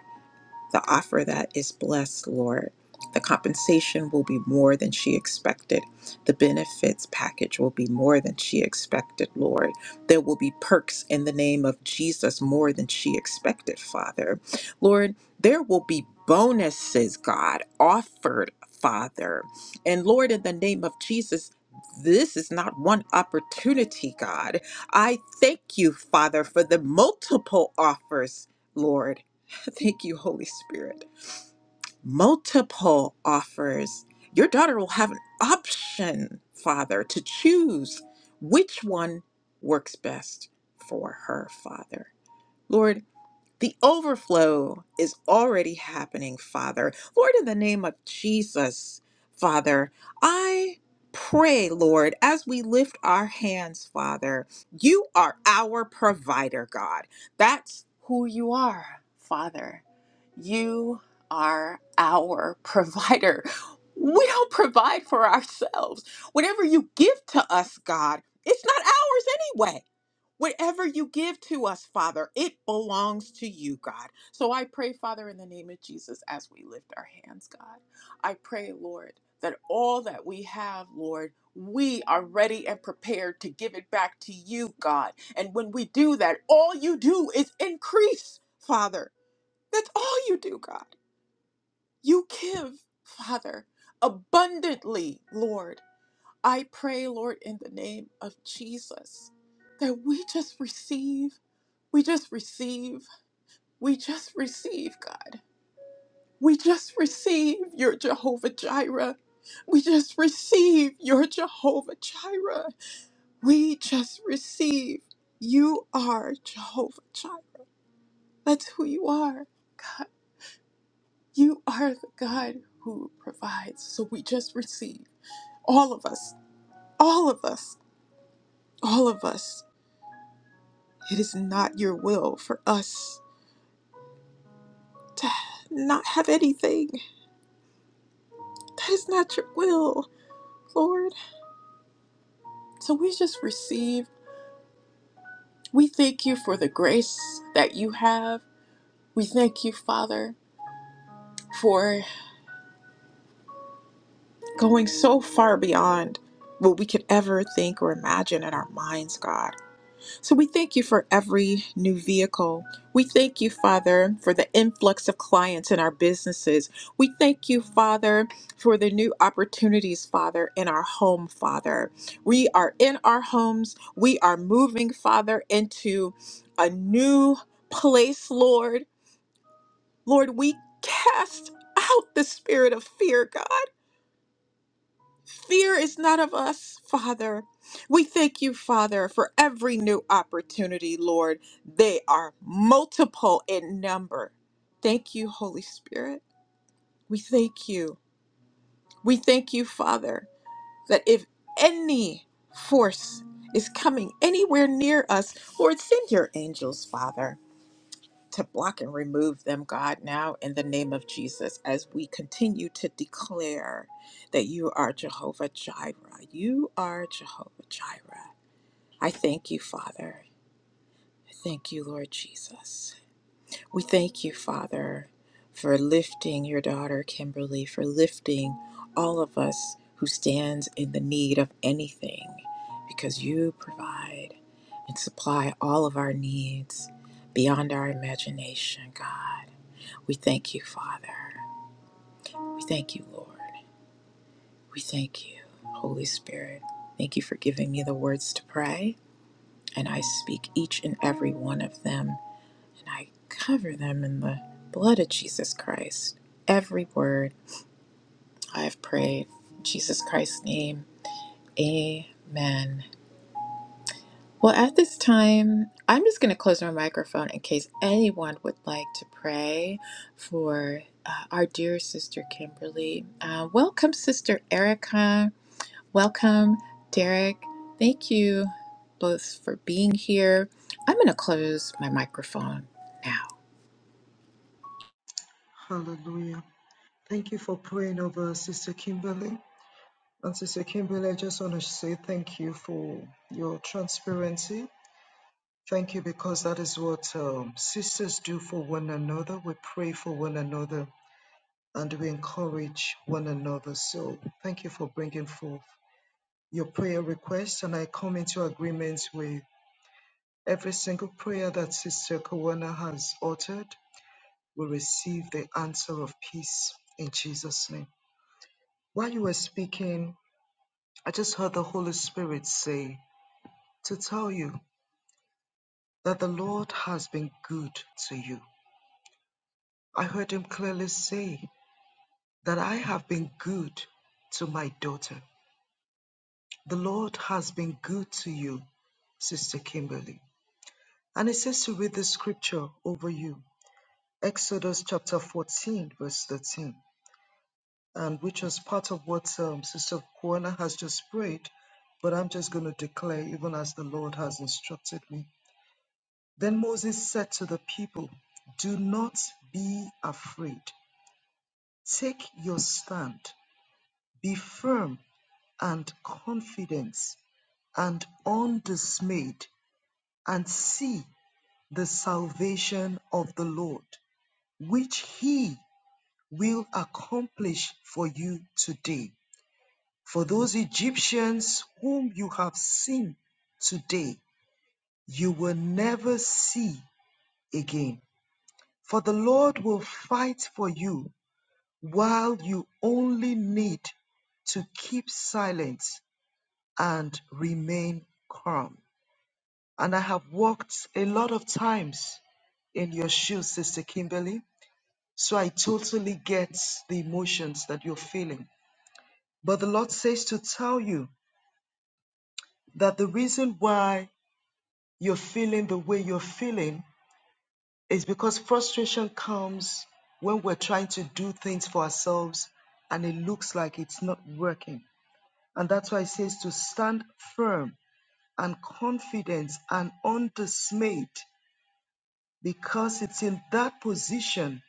S1: The offer that is blessed, Lord. The compensation will be more than she expected. The benefits package will be more than she expected, Lord. There will be perks in the name of Jesus more than she expected, Father. Lord, there will be bonuses, God, offered, Father. And Lord, in the name of Jesus, this is not one opportunity, God. I thank you, Father, for the multiple offers, Lord. Thank you, Holy Spirit. Multiple offers. Your daughter will have an option, Father, to choose which one works best for her, Father. Lord, the overflow is already happening, Father. Lord, in the name of Jesus, Father, I pray, Lord, as we lift our hands, Father, you are our provider, God. That's who you are, Father. You are our provider. We don't provide for ourselves. Whatever you give to us, God, it's not ours anyway. Whatever you give to us, Father, it belongs to you, God. So I pray, Father, in the name of Jesus, as we lift our hands, God, I pray, Lord, that all that we have, Lord, we are ready and prepared to give it back to you, God. And when we do that, all you do is increase, Father. That's all you do, God. You give, Father, abundantly, Lord. I pray, Lord, in the name of Jesus, that we just receive, we just receive, we just receive, God. We just receive your Jehovah Jireh. We just receive your Jehovah Jireh. We just receive. You are Jehovah Jireh. That's who you are, God. You are the God who provides. So we just receive. All of us, all of us, all of us. It is not your will for us to not have anything. That is not your will, Lord. So we just receive. We thank you for the grace that you have. We thank you, Father, for going so far beyond what we could ever think or imagine in our minds, God. So we thank you for every new vehicle. We thank you, Father, for the influx of clients in our businesses. We thank you, Father, for the new opportunities, Father, in our home, Father. We are in our homes. We are moving, Father, into a new place, Lord. Lord, we cast out the spirit of fear, God. Fear is not of us, Father. We thank you, Father, for every new opportunity, Lord. They are multiple in number. Thank you, Holy Spirit. We thank you. We thank you, Father, that if any force is coming anywhere near us, Lord, send your angels, Father to block and remove them, God, now in the name of Jesus, as we continue to declare that you are Jehovah Jireh. You are Jehovah Jireh. I thank you, Father. I Thank you, Lord Jesus. We thank you, Father, for lifting your daughter, Kimberly, for lifting all of us who stands in the need of anything, because you provide and supply all of our needs beyond our imagination, God. We thank you, Father. We thank you, Lord. We thank you, Holy Spirit. Thank you for giving me the words to pray. And I speak each and every one of them, and I cover them in the blood of Jesus Christ. Every word I have prayed, in Jesus Christ's name. Amen. Well, at this time, I'm just going to close my microphone in case anyone would like to pray for uh, our dear sister Kimberly. Uh, welcome, Sister Erica. Welcome, Derek. Thank you both for being here. I'm going to close my microphone now.
S3: Hallelujah. Thank you for praying over Sister Kimberly. And Sister Kimberly, I just want to say thank you for your transparency Thank you, because that is what um, sisters do for one another. We pray for one another and we encourage one another. So, thank you for bringing forth your prayer request. And I come into agreement with every single prayer that Sister Kawana has uttered. We receive the answer of peace in Jesus' name. While you were speaking, I just heard the Holy Spirit say to tell you that the Lord has been good to you. I heard him clearly say that I have been good to my daughter. The Lord has been good to you, Sister Kimberly. And it says to read the scripture over you, Exodus chapter 14, verse 13, and which is part of what um, Sister Kwana has just prayed, but I'm just going to declare, even as the Lord has instructed me. Then Moses said to the people, Do not be afraid. Take your stand. Be firm and confidence and undismayed and see the salvation of the Lord, which he will accomplish for you today. For those Egyptians whom you have seen today, you will never see again. For the Lord will fight for you while you only need to keep silent and remain calm. And I have walked a lot of times in your shoes, Sister Kimberly. So I totally get the emotions that you're feeling. But the Lord says to tell you that the reason why you're feeling the way you're feeling is because frustration comes when we're trying to do things for ourselves and it looks like it's not working. And that's why it says to stand firm and confident and undismayed because it's in that position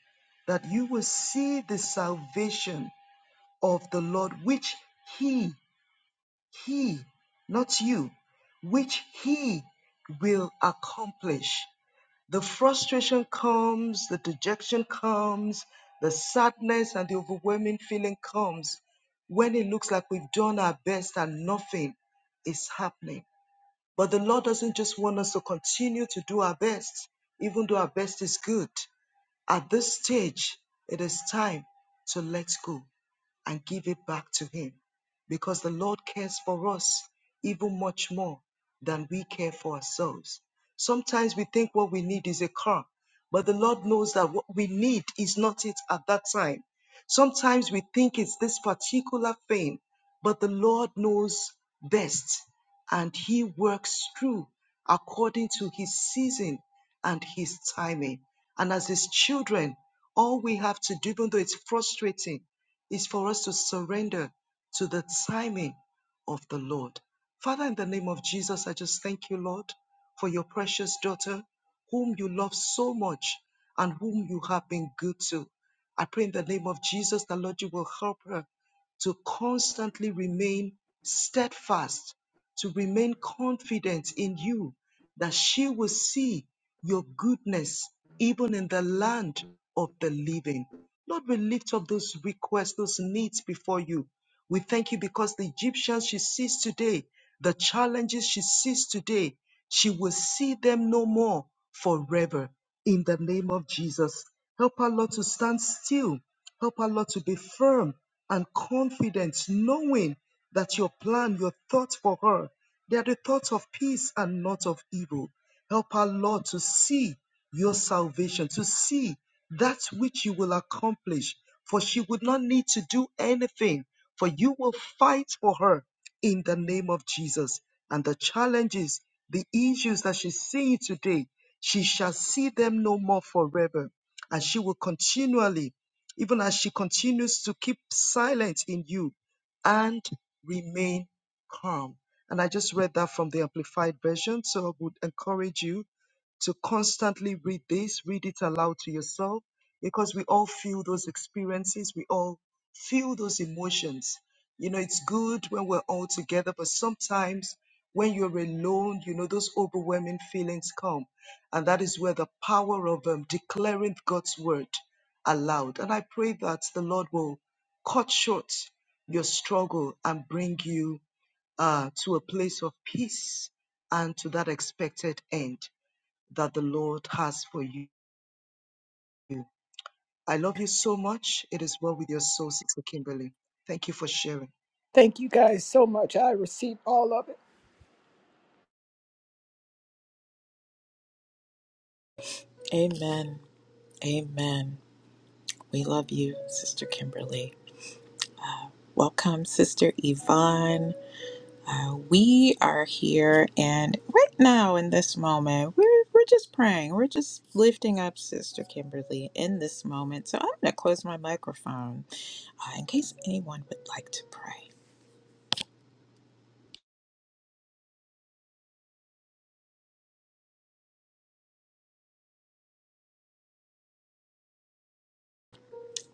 S3: that you will see the salvation of the Lord, which He, He, not you, which He will accomplish. The frustration comes, the dejection comes, the sadness and the overwhelming feeling comes when it looks like we've done our best and nothing is happening. But the Lord doesn't just want us to continue to do our best, even though our best is good. At this stage, it is time to let go and give it back to Him because the Lord cares for us even much more than we care for ourselves. Sometimes we think what we need is a car, but the Lord knows that what we need is not it at that time. Sometimes we think it's this particular thing, but the Lord knows best and He works through according to His season and His timing. And as His children, all we have to do, even though it's frustrating, is for us to surrender to the timing of the Lord. Father, in the name of Jesus, I just thank you, Lord, for your precious daughter, whom you love so much and whom you have been good to. I pray in the name of Jesus that, Lord, you will help her to constantly remain steadfast, to remain confident in you, that she will see your goodness even in the land of the living. Lord, we lift up those requests, those needs before you. We thank you because the Egyptians she sees today, the challenges she sees today, she will see them no more forever. In the name of Jesus, help our Lord to stand still. Help our Lord to be firm and confident, knowing that your plan, your thoughts for her, they are the thoughts of peace and not of evil. Help our Lord to see your salvation, to see that which you will accomplish, for she would not need to do anything, for you will fight for her in the name of Jesus. And the challenges, the issues that she's seeing today, she shall see them no more forever. And she will continually, even as she continues to keep silent in you and remain calm. And I just read that from the Amplified Version, so I would encourage you to constantly read this, read it aloud to yourself, because we all feel those experiences, we all feel those emotions. You know, it's good when we're all together, but sometimes when you're alone, you know, those overwhelming feelings come. And that is where the power of um, declaring God's word aloud. And I pray that the Lord will cut short your struggle and bring you uh, to a place of peace and to that expected end that the Lord has for you. I love you so much. It is well with your soul, Sister Kimberly. Thank you for sharing.
S4: Thank you guys so much. I received all of it.
S1: Amen. Amen. We love you, Sister Kimberly. Welcome, Sister Yvonne. Uh, we are here and right now in this moment, we're, we're just praying. We're just lifting up Sister Kimberly in this moment. So I'm going to close my microphone uh, in case anyone would like to pray.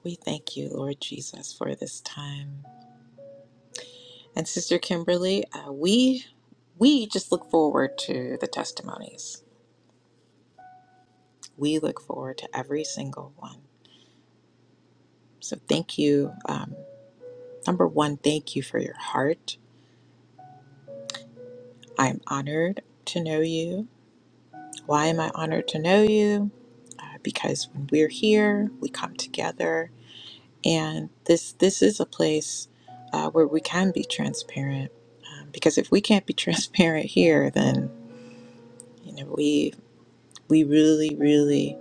S1: We thank you, Lord Jesus, for this time. And Sister Kimberly, uh, we we just look forward to the testimonies. We look forward to every single one. So thank you. Um, number one, thank you for your heart. I am honored to know you Why am I honored to know you? Uh, because when we're here, we come together, and this this is a place uh, where we can be transparent. Um, because if we can't be transparent here, then you know we we really really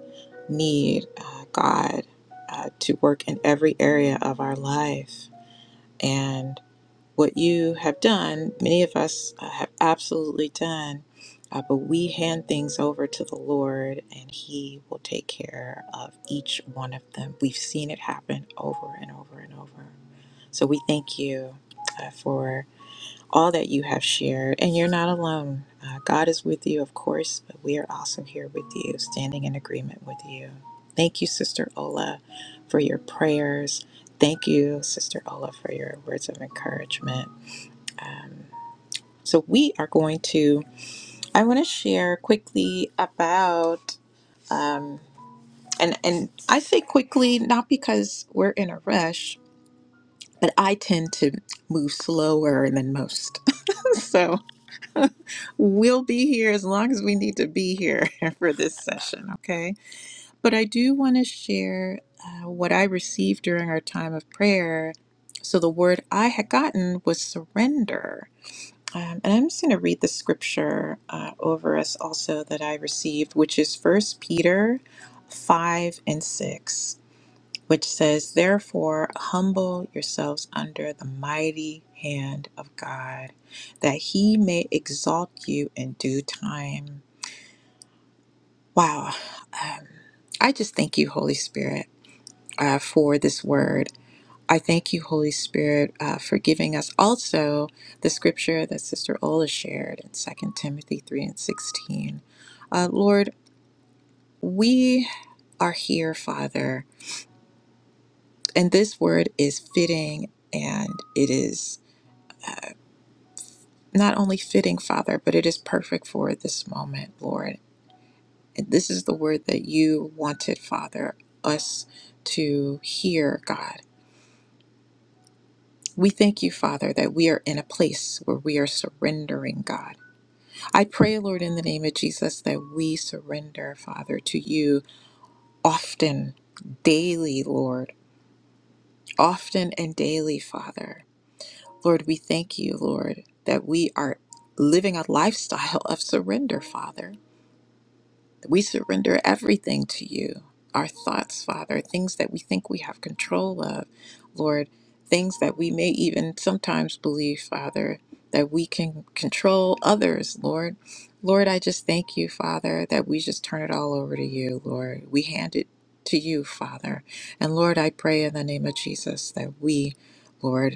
S1: need uh, God uh, to work in every area of our life, and what you have done, many of us uh, have absolutely done, uh, but we hand things over to the Lord and He will take care of each one of them. We've seen it happen over and over and over. So we thank you uh, for all that you have shared, and you're not alone. Uh, God is with you, of course, but we are also here with you, standing in agreement with you. Thank you, Sister Ola, for your prayers. Thank you, Sister Ola, for your words of encouragement. Um, So we are going to. I want to share quickly about, um, and and I say quickly not because we're in a rush, but I tend to move slower than most. so we'll be here as long as we need to be here for this session, okay? But I do want to share uh, what I received during our time of prayer. So the word I had gotten was surrender Um, and I'm just going to read the scripture uh, over us also that I received, which is First Peter 5 and 6, which says, Therefore, humble yourselves under the mighty hand of God, that he may exalt you in due time. Wow. Um, I just thank you, Holy Spirit, uh, for this word. I thank you, Holy Spirit, uh, for giving us also the scripture that Sister Ola shared in Second Timothy 3 and 16. Uh, Lord, we are here, Father, and this word is fitting and it is uh, not only fitting, Father, but it is perfect for this moment, Lord. And this is the word that you wanted, Father, us to hear, God. We thank you, Father, that we are in a place where we are surrendering, God. I pray, Lord, in the name of Jesus, that we surrender, Father, to you often, daily, Lord, often and daily, Father. Lord, we thank you, Lord, that we are living a lifestyle of surrender, Father. We surrender everything to you our thoughts, Father, things that we think we have control of, Lord, things that we may even sometimes believe, Father, that we can control others, Lord. Lord, I just thank you, Father, that we just turn it all over to you, Lord. We hand it to you, Father. And Lord, I pray in the name of Jesus that we, Lord,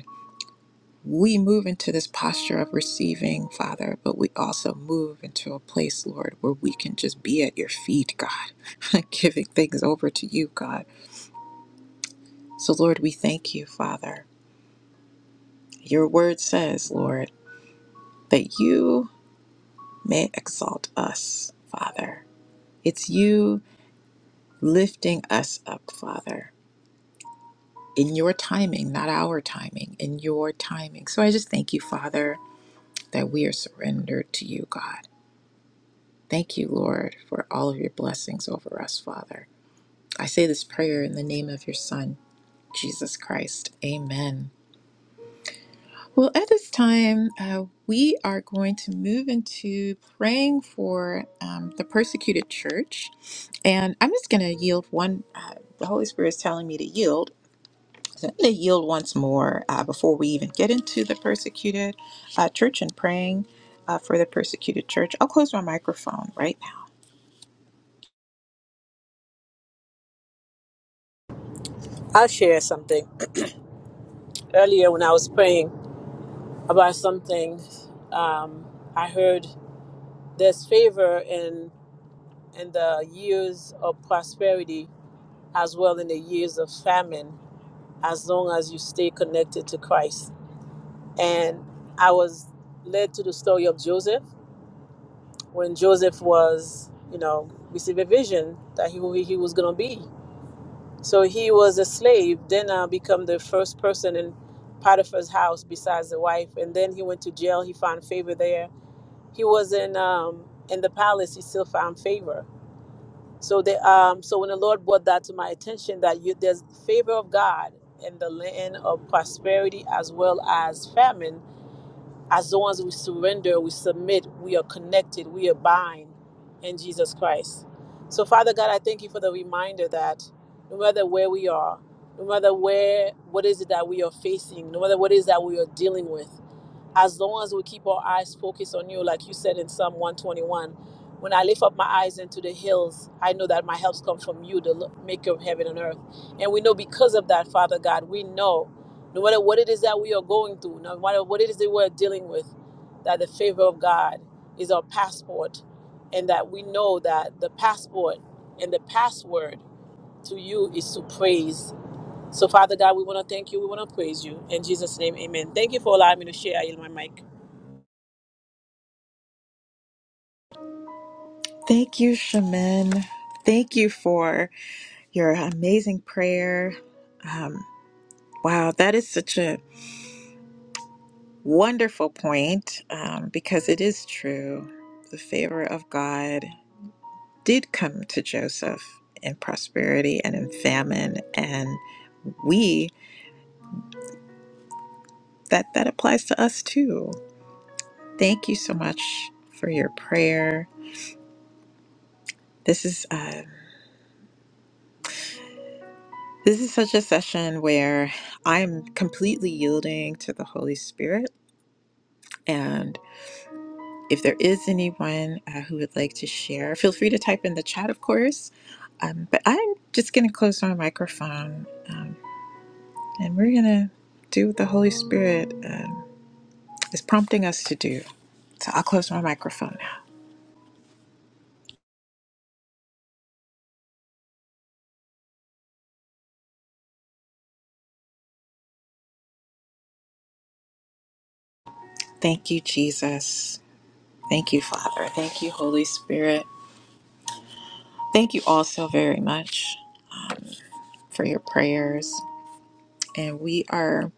S1: we move into this posture of receiving, Father, but we also move into a place, Lord, where we can just be at your feet, God, giving things over to you, God. So, Lord, we thank you, Father. Your word says, Lord, that you may exalt us, Father. It's you lifting us up, Father, in your timing, not our timing, in your timing. So I just thank you, Father, that we are surrendered to you, God. Thank you, Lord, for all of your blessings over us, Father. I say this prayer in the name of your Son, Jesus Christ. Amen. Well, at this time, uh, we are going to move into praying for um, the persecuted church. And I'm just going to yield one. Uh, the Holy Spirit is telling me to yield. So I'm going to yield once more uh, before we even get into the persecuted uh, church and praying uh, for the persecuted church. I'll close my microphone right now.
S5: I'll share something. Earlier, when I was praying about something, um, I heard there's favor in in the years of prosperity as well in the years of famine, as long as you stay connected to Christ. And I was led to the story of Joseph when Joseph was, you know, received a vision that he wa- he was going to be. So he was a slave, then uh, become the first person in Potiphar's house besides the wife. And then he went to jail. He found favor there. He was in um, in the palace. He still found favor. So they um, so when the Lord brought that to my attention, that you, there's favor of God in the land of prosperity as well as famine as the ones we surrender, we submit, we are connected, we abide in Jesus Christ. So, Father God, I thank you for the reminder that no matter where we are, no matter where, what is it that we are facing, no matter what is that we are dealing with, as long as we keep our eyes focused on you, like you said in Psalm 121, when I lift up my eyes into the hills, I know that my helps come from you, the lo- maker of heaven and earth. And we know because of that, Father God, we know no matter what it is that we are going through, no matter what it is that we're dealing with, that the favor of God is our passport. And that we know that the passport and the password to you is to praise. So, Father God, we want to thank you. We want to praise you. In Jesus' name, amen. Thank you for allowing me to share. I yield my mic.
S1: Thank you, Shaman. Thank you for your amazing prayer. Um, wow, that is such a wonderful point um, because it is true. The favor of God did come to Joseph in prosperity and in famine, and we that that applies to us too. Thank you so much for your prayer. This is uh, this is such a session where I'm completely yielding to the Holy Spirit. and. If there is anyone uh, who would like to share, feel free to type in the chat, of course. Um, but I'm just going to close my microphone um, and we're going to do what the Holy Spirit um, is prompting us to do. So I'll close my microphone now. Thank you, Jesus. Thank you, Father. Thank you, Holy Spirit. Thank you all so very much for your prayers. And we are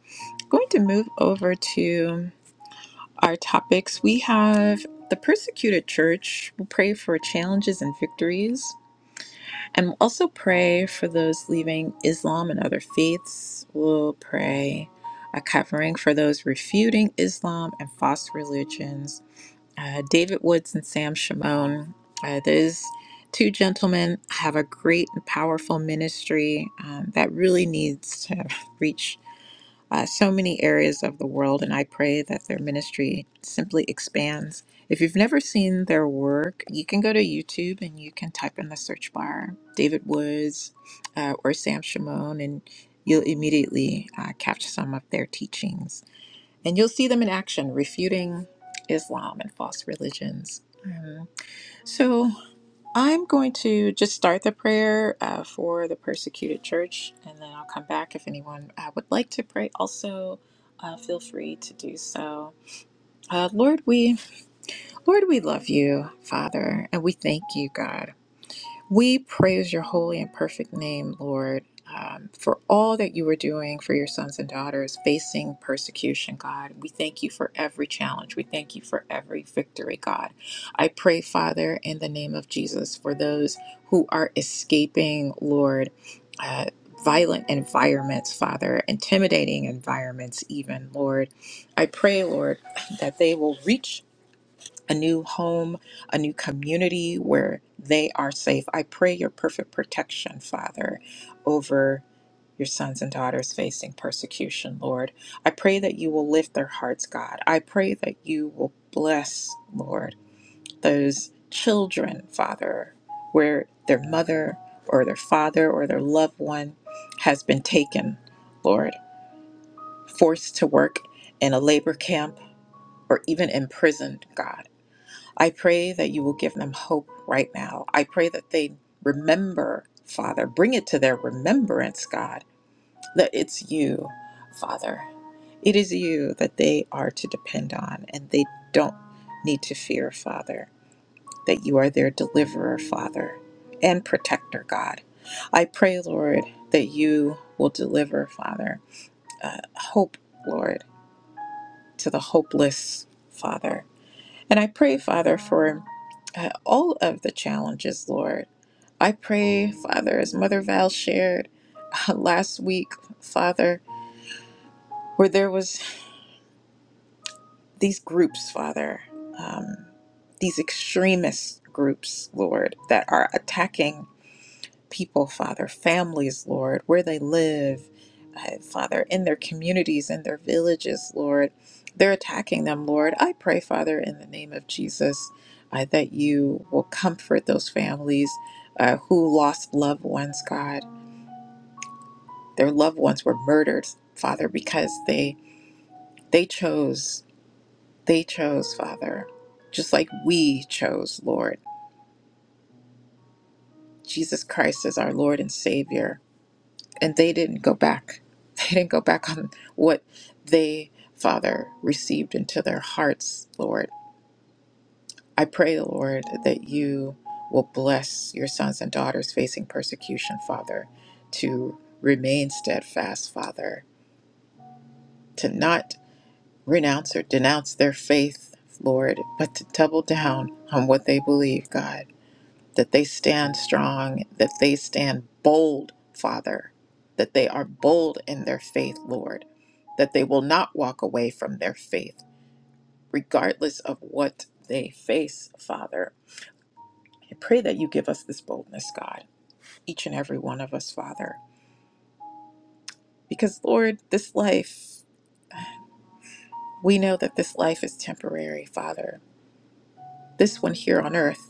S1: going to move over to. our topics. We have the persecuted church. We'll pray for challenges and victories. And we'll also pray for those leaving Islam and other faiths. We'll pray a covering for those refuting Islam and false religions. Uh, David Woods and Sam Shimon. Uh, those two gentlemen have a great and powerful ministry um, that really needs to reach uh, so many areas of the world, and I pray that their ministry simply expands. If you've never seen their work, you can go to YouTube and you can type in the search bar David Woods uh, or Sam Shimon, and you'll immediately uh, catch some of their teachings. And you'll see them in action, refuting Islam and false religions. Um, so, I'm going to just start the prayer uh, for the persecuted church, and then I'll come back if anyone uh, would like to pray. Also, uh, feel free to do so. Uh, Lord, we Lord, we love you, Father, and we thank you, God. We praise your holy and perfect name, Lord, um, for all that you are doing for your sons and daughters facing persecution, God. We thank you for every challenge. We thank you for every victory, God. I pray, Father, in the name of Jesus, for those who are escaping, Lord. Uh, Violent environments, Father, intimidating environments, even, Lord. I pray, Lord, that they will reach a new home, a new community where they are safe. I pray your perfect protection, Father, over your sons and daughters facing persecution, Lord. I pray that you will lift their hearts, God. I pray that you will bless, Lord, those children, Father, where their mother or their father or their loved one has been taken, Lord, forced to work in a labor camp or even imprisoned, God. I pray that you will give them hope right now. I pray that they remember, Father. Bring it to their remembrance, God, that it's you, Father. It is you that they are to depend on, and they don't need to fear, Father, that you are their deliverer, Father, and protector, God. I pray, Lord, that you will deliver, Father, uh, hope, Lord, to the hopeless, Father. And I pray, Father, for uh, all of the challenges, Lord. I pray, Father, as Mother Val shared uh, last week, Father, where there was these groups, Father, um, these extremist groups, Lord, that are attacking people, Father, families, Lord, where they live, uh, Father, in their communities, in their villages, Lord. They're attacking them, Lord. I pray, Father, in the name of Jesus, uh, that you will comfort those families uh, who lost loved ones, God. Their loved ones were murdered, Father, because they they chose, they chose, Father, just like we chose, Lord. Jesus Christ is our Lord and Savior. and they didn't go back. They didn't go back on what they, Father, received into their hearts, Lord. I pray, Lord, that you will bless your sons and daughters facing persecution, Father, to remain steadfast, Father, to not renounce or denounce their faith, Lord, but to double down on what they believe, God. that they stand strong, that they stand bold, Father, that they are bold in their faith, Lord, that they will not walk away from their faith, regardless of what they face, Father. I pray that you give us this boldness, God, each and every one of us, Father, because, Lord, this life, we know that this life is temporary, Father. This one here on earth.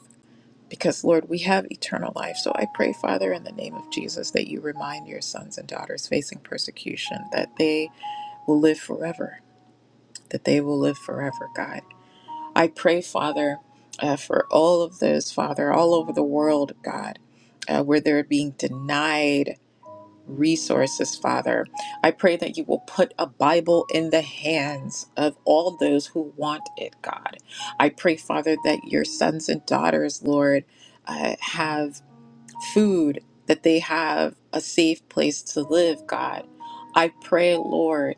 S1: because Lord, we have eternal life. So I pray, Father, in the name of Jesus, that you remind your sons and daughters facing persecution that they will live forever, that they will live forever, God. I pray, Father, uh, for all of those, Father, all over the world, God, uh, where they're being denied resources, Father. I pray that you will put a Bible in the hands of all those who want it, God. I pray, Father, that your sons and daughters, Lord, uh, have food, that they have a safe place to live, God. I pray, Lord,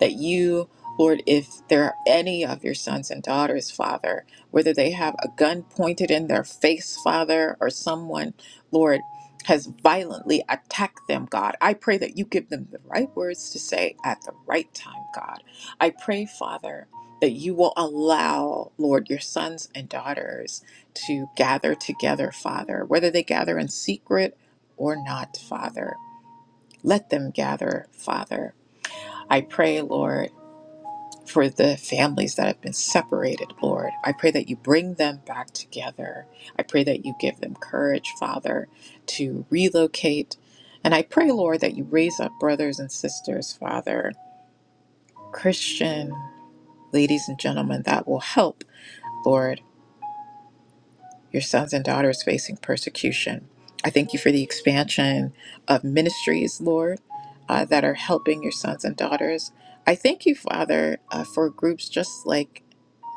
S1: that you, Lord, if there are any of your sons and daughters, Father, whether they have a gun pointed in their face, Father, or someone, Lord, has violently attacked them, God. I pray that you give them the right words to say at the right time, God. I pray, Father, that you will allow, Lord, your sons and daughters to gather together, Father, whether they gather in secret or not, Father. Let them gather, Father. I pray, Lord, for the families that have been separated, Lord. I pray that you bring them back together. I pray that you give them courage, Father, to relocate. And I pray, Lord, that you raise up brothers and sisters, Father, Christian ladies and gentlemen, that will help, Lord. your sons and daughters facing persecution. I thank you for the expansion of ministries, Lord, uh, that are helping your sons and daughters. I thank you, Father, uh, for groups just like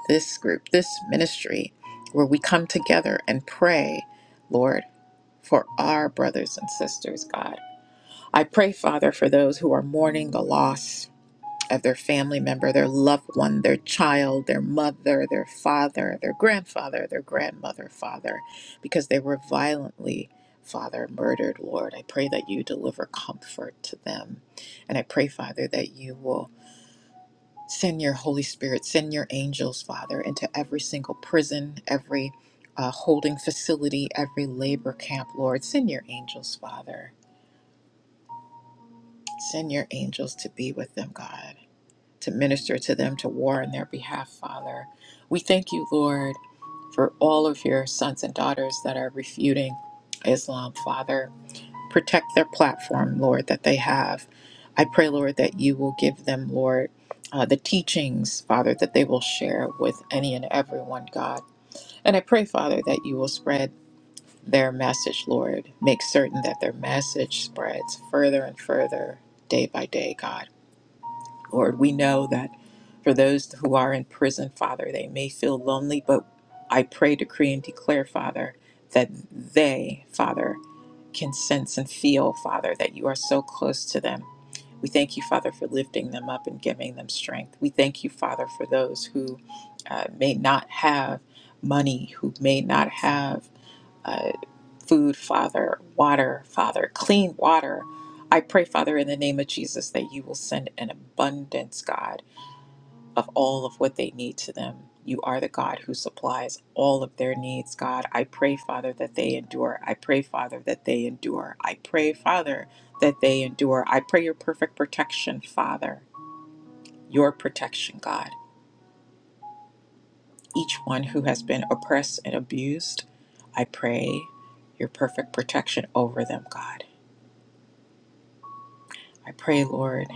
S1: this group, this ministry, where we come together and pray, Lord, for our brothers and sisters, God. I pray, Father, for those who are mourning the loss of their family member, their loved one, their child, their mother, their father, their grandfather, their grandmother, father, because they were violently, Father, murdered. Lord, I pray that you deliver comfort to them. And I pray, Father, that you will send your Holy Spirit, send your angels, Father, into every single prison, every uh, holding facility, every labor camp, Lord. Send your angels, Father. Send your angels to be with them, God. to minister to them, to war on their behalf, Father. We thank you, Lord, for all of your sons and daughters that are refuting Islam, Father. Protect their platform, Lord, that they have. I pray, Lord, that you will give them, Lord, uh, the teachings, Father, that they will share with any and everyone, God. And I pray, Father, that you will spread their message, Lord. Make certain that their message spreads further and further day by day, God. Lord, we know that for those who are in prison, Father, they may feel lonely, but I pray, decree, and declare, Father, that they, Father, can sense and feel, Father, that you are so close to them. We thank you, Father, for lifting them up and giving them strength. We thank you, Father, for those who uh, may not have money, who may not have. uh, food, Father, water, Father, clean water. I pray, Father, in the name of Jesus, that you will send an abundance, God, of all of what they need to them. You are the God who supplies all of their needs, God. I pray, Father, that they endure. I pray, Father, that they endure. I pray, Father, that they endure. I pray your perfect protection, Father, your protection, God. Each one who has been oppressed and abused, I pray your perfect protection over them, God. I pray, Lord,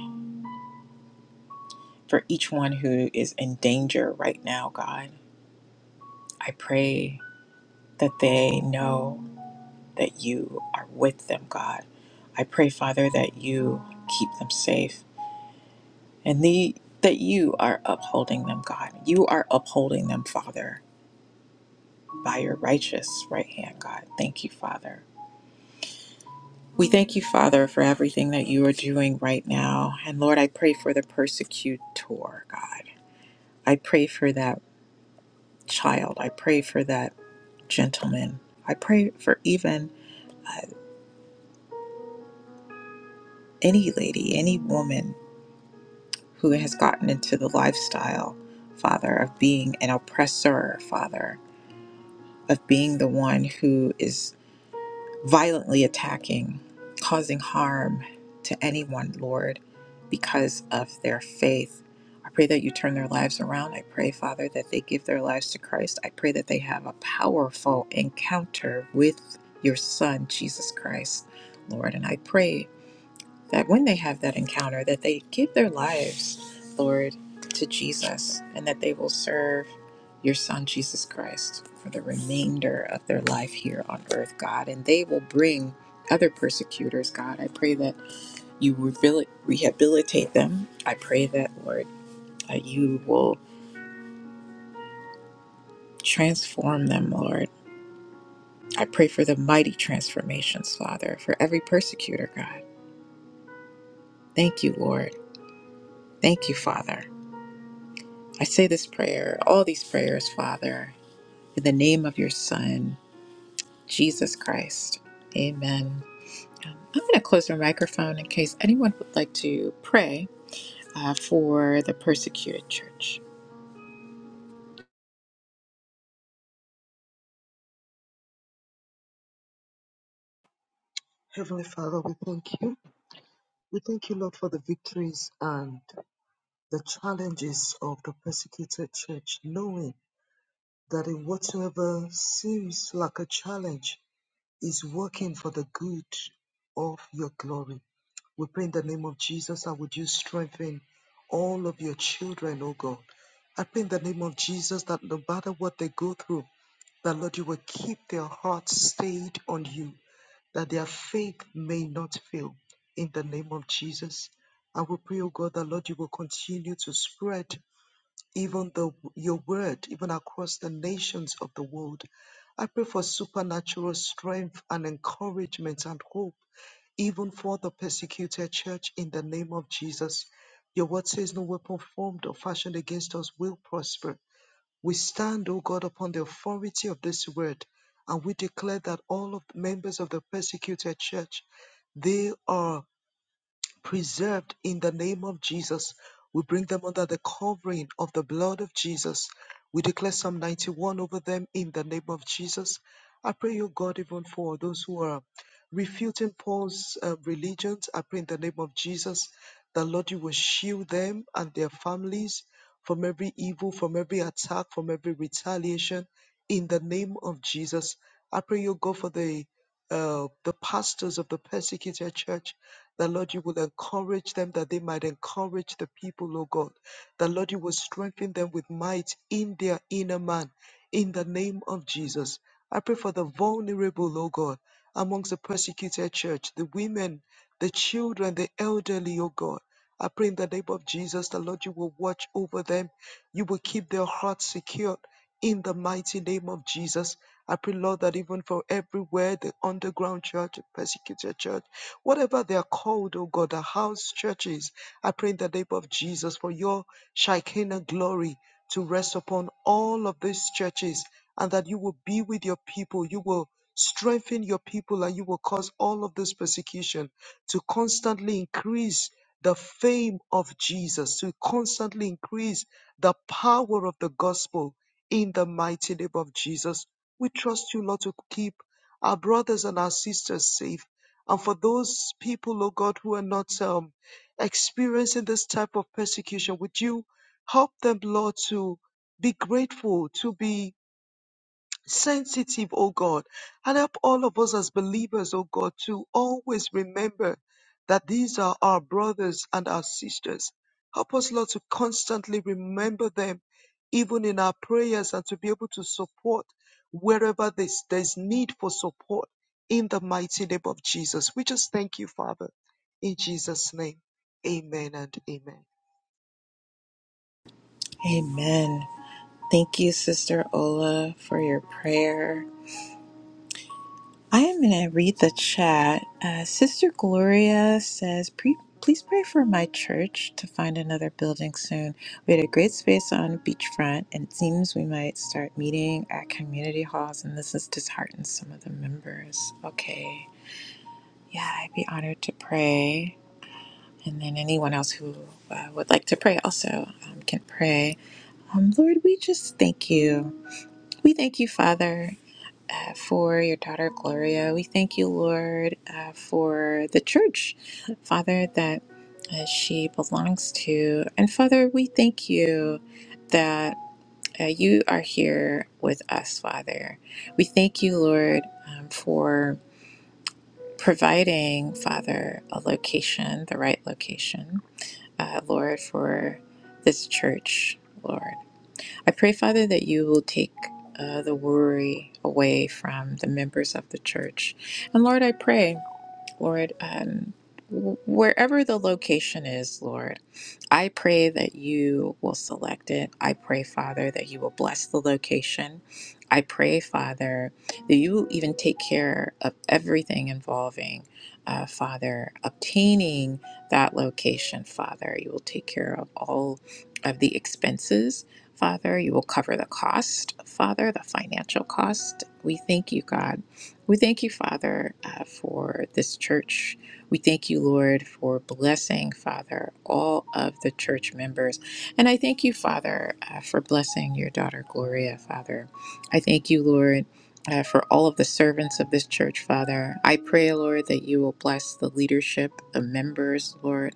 S1: for each one who is in danger right now, God. I pray that they know that you are with them, God. I pray, Father, that you keep them safe and the, that you are upholding them, God. You are upholding them, Father, by your righteous right hand, God. Thank you, Father. We thank you, Father, for everything that you are doing right now. And Lord, I pray for the persecutor, God. I pray for that child. I pray for that gentlemen. I pray for even uh, any lady, any woman who has gotten into the lifestyle, Father, of being an oppressor, Father, of being the one who is violently attacking, causing harm to anyone, Lord, because of their faith. I pray that you turn their lives around. I pray, Father, that they give their lives to Christ. I pray that they have a powerful encounter with your Son, Jesus Christ, Lord. And I pray that when they have that encounter that they give their lives lord to jesus and that they will serve your son jesus christ for the remainder of their life here on earth god and they will bring other persecutors god i pray that you rehabil- rehabilitate them i pray that lord that you will transform them lord i pray for the mighty transformations father for every persecutor god thank you lord thank you father I say this prayer, all these prayers, Father, in the name of your Son, Jesus Christ. Amen. I'm going to close the microphone in case anyone would like to pray uh, for the persecuted church.
S3: Heavenly Father, we thank you. We thank you, Lord, for the victories and the challenges of the persecuted church, knowing that in whatsoever seems like a challenge is working for the good of your glory. We pray in the name of Jesus, I would you strengthen all of your children, O God. I pray in the name of Jesus that no matter what they go through, that Lord, you will keep their hearts stayed on you, that their faith may not fail. In the name of Jesus, I will pray, O God, that Lord, you will continue to spread even the your word, even across the nations of the world. I pray for supernatural strength and encouragement and hope, even for the persecuted church in the name of Jesus. Your word says, No weapon formed or fashioned against us will prosper we stand, O God, upon the authority of this word, and we declare that all of the members of the persecuted church, they are preserved in the name of Jesus. We bring them under the covering of the blood of Jesus. We declare Psalm 91 over them in the name of Jesus. I pray, O God, even for those who are refuting Paul's uh, religions, I pray in the name of Jesus that, Lord, you will shield them and their families from every evil, from every attack, from every retaliation in the name of Jesus. I pray, O God, for the uh, the pastors of the persecuted church, that Lord, you will encourage them that they might encourage the people, O God. That Lord, you will strengthen them with might in their inner man, in the name of Jesus. I pray for the vulnerable, O God, amongst the persecuted church, the women, the children, the elderly, O God. I pray in the name of Jesus, the Lord, you will watch over them. You will keep their hearts secure in the mighty name of Jesus. I pray, Lord, that even for everywhere, the underground church, the persecuted church, whatever they are called, oh God, the house churches, I pray in the name of Jesus for your Shekinah glory to rest upon all of these churches and that you will be with your people. You will strengthen your people and you will cause all of this persecution to constantly increase the fame of Jesus, to constantly increase the power of the gospel in the mighty name of Jesus. We trust you, Lord, to keep our brothers and our sisters safe. And for those people, oh God, who are not um, experiencing this type of persecution, would you help them, Lord, to be grateful, to be sensitive, oh God, and help all of us as believers, oh God, to always remember that these are our brothers and our sisters. Help us, Lord, to constantly remember them, even in our prayers, and to be able to support wherever there's, there's need for support in the mighty name of Jesus. We just thank you, Father, in Jesus' name. Amen and amen.
S1: Amen. Thank you, Sister Ola, for your prayer. I am going to read the chat. Uh, Sister Gloria says, "Pre- Please pray for my church to find another building soon. We had a great space on beachfront, and it seems we might start meeting at community halls, and this has disheartened some of the members. Okay. Yeah, I'd be honored to pray. And then anyone else who uh, would like to pray also um, can pray. Um, Lord, we just thank you. We thank you, Father uh, for your daughter Gloria. We thank you, Lord, uh, for the church, Father, that uh, she belongs to. And Father, we thank you that uh, you are here with us, Father. We thank you, Lord, um, for providing, Father, a location, the right location, uh, Lord, for this church, Lord. I pray, Father, that you will take uh, the worry away from the members of the church. And Lord, I pray, Lord, um, wh- wherever the location is, Lord. I pray that you will select it. I pray, Father, that you will bless the location. I pray, Father, that you will even take care of everything involving, uh, Father, obtaining that location, Father. You will take care of all of the expenses, Father. You will cover the cost, Father, the financial cost. We thank you, God. We thank you, Father, uh, for this church. We thank you, Lord, for blessing, Father, all of the church members. And I thank you, Father, uh, for blessing your daughter, Gloria, Father. I thank you, Lord. Uh, for all of the servants of this church, Father, I pray, Lord, that you will bless the leadership, the members, Lord.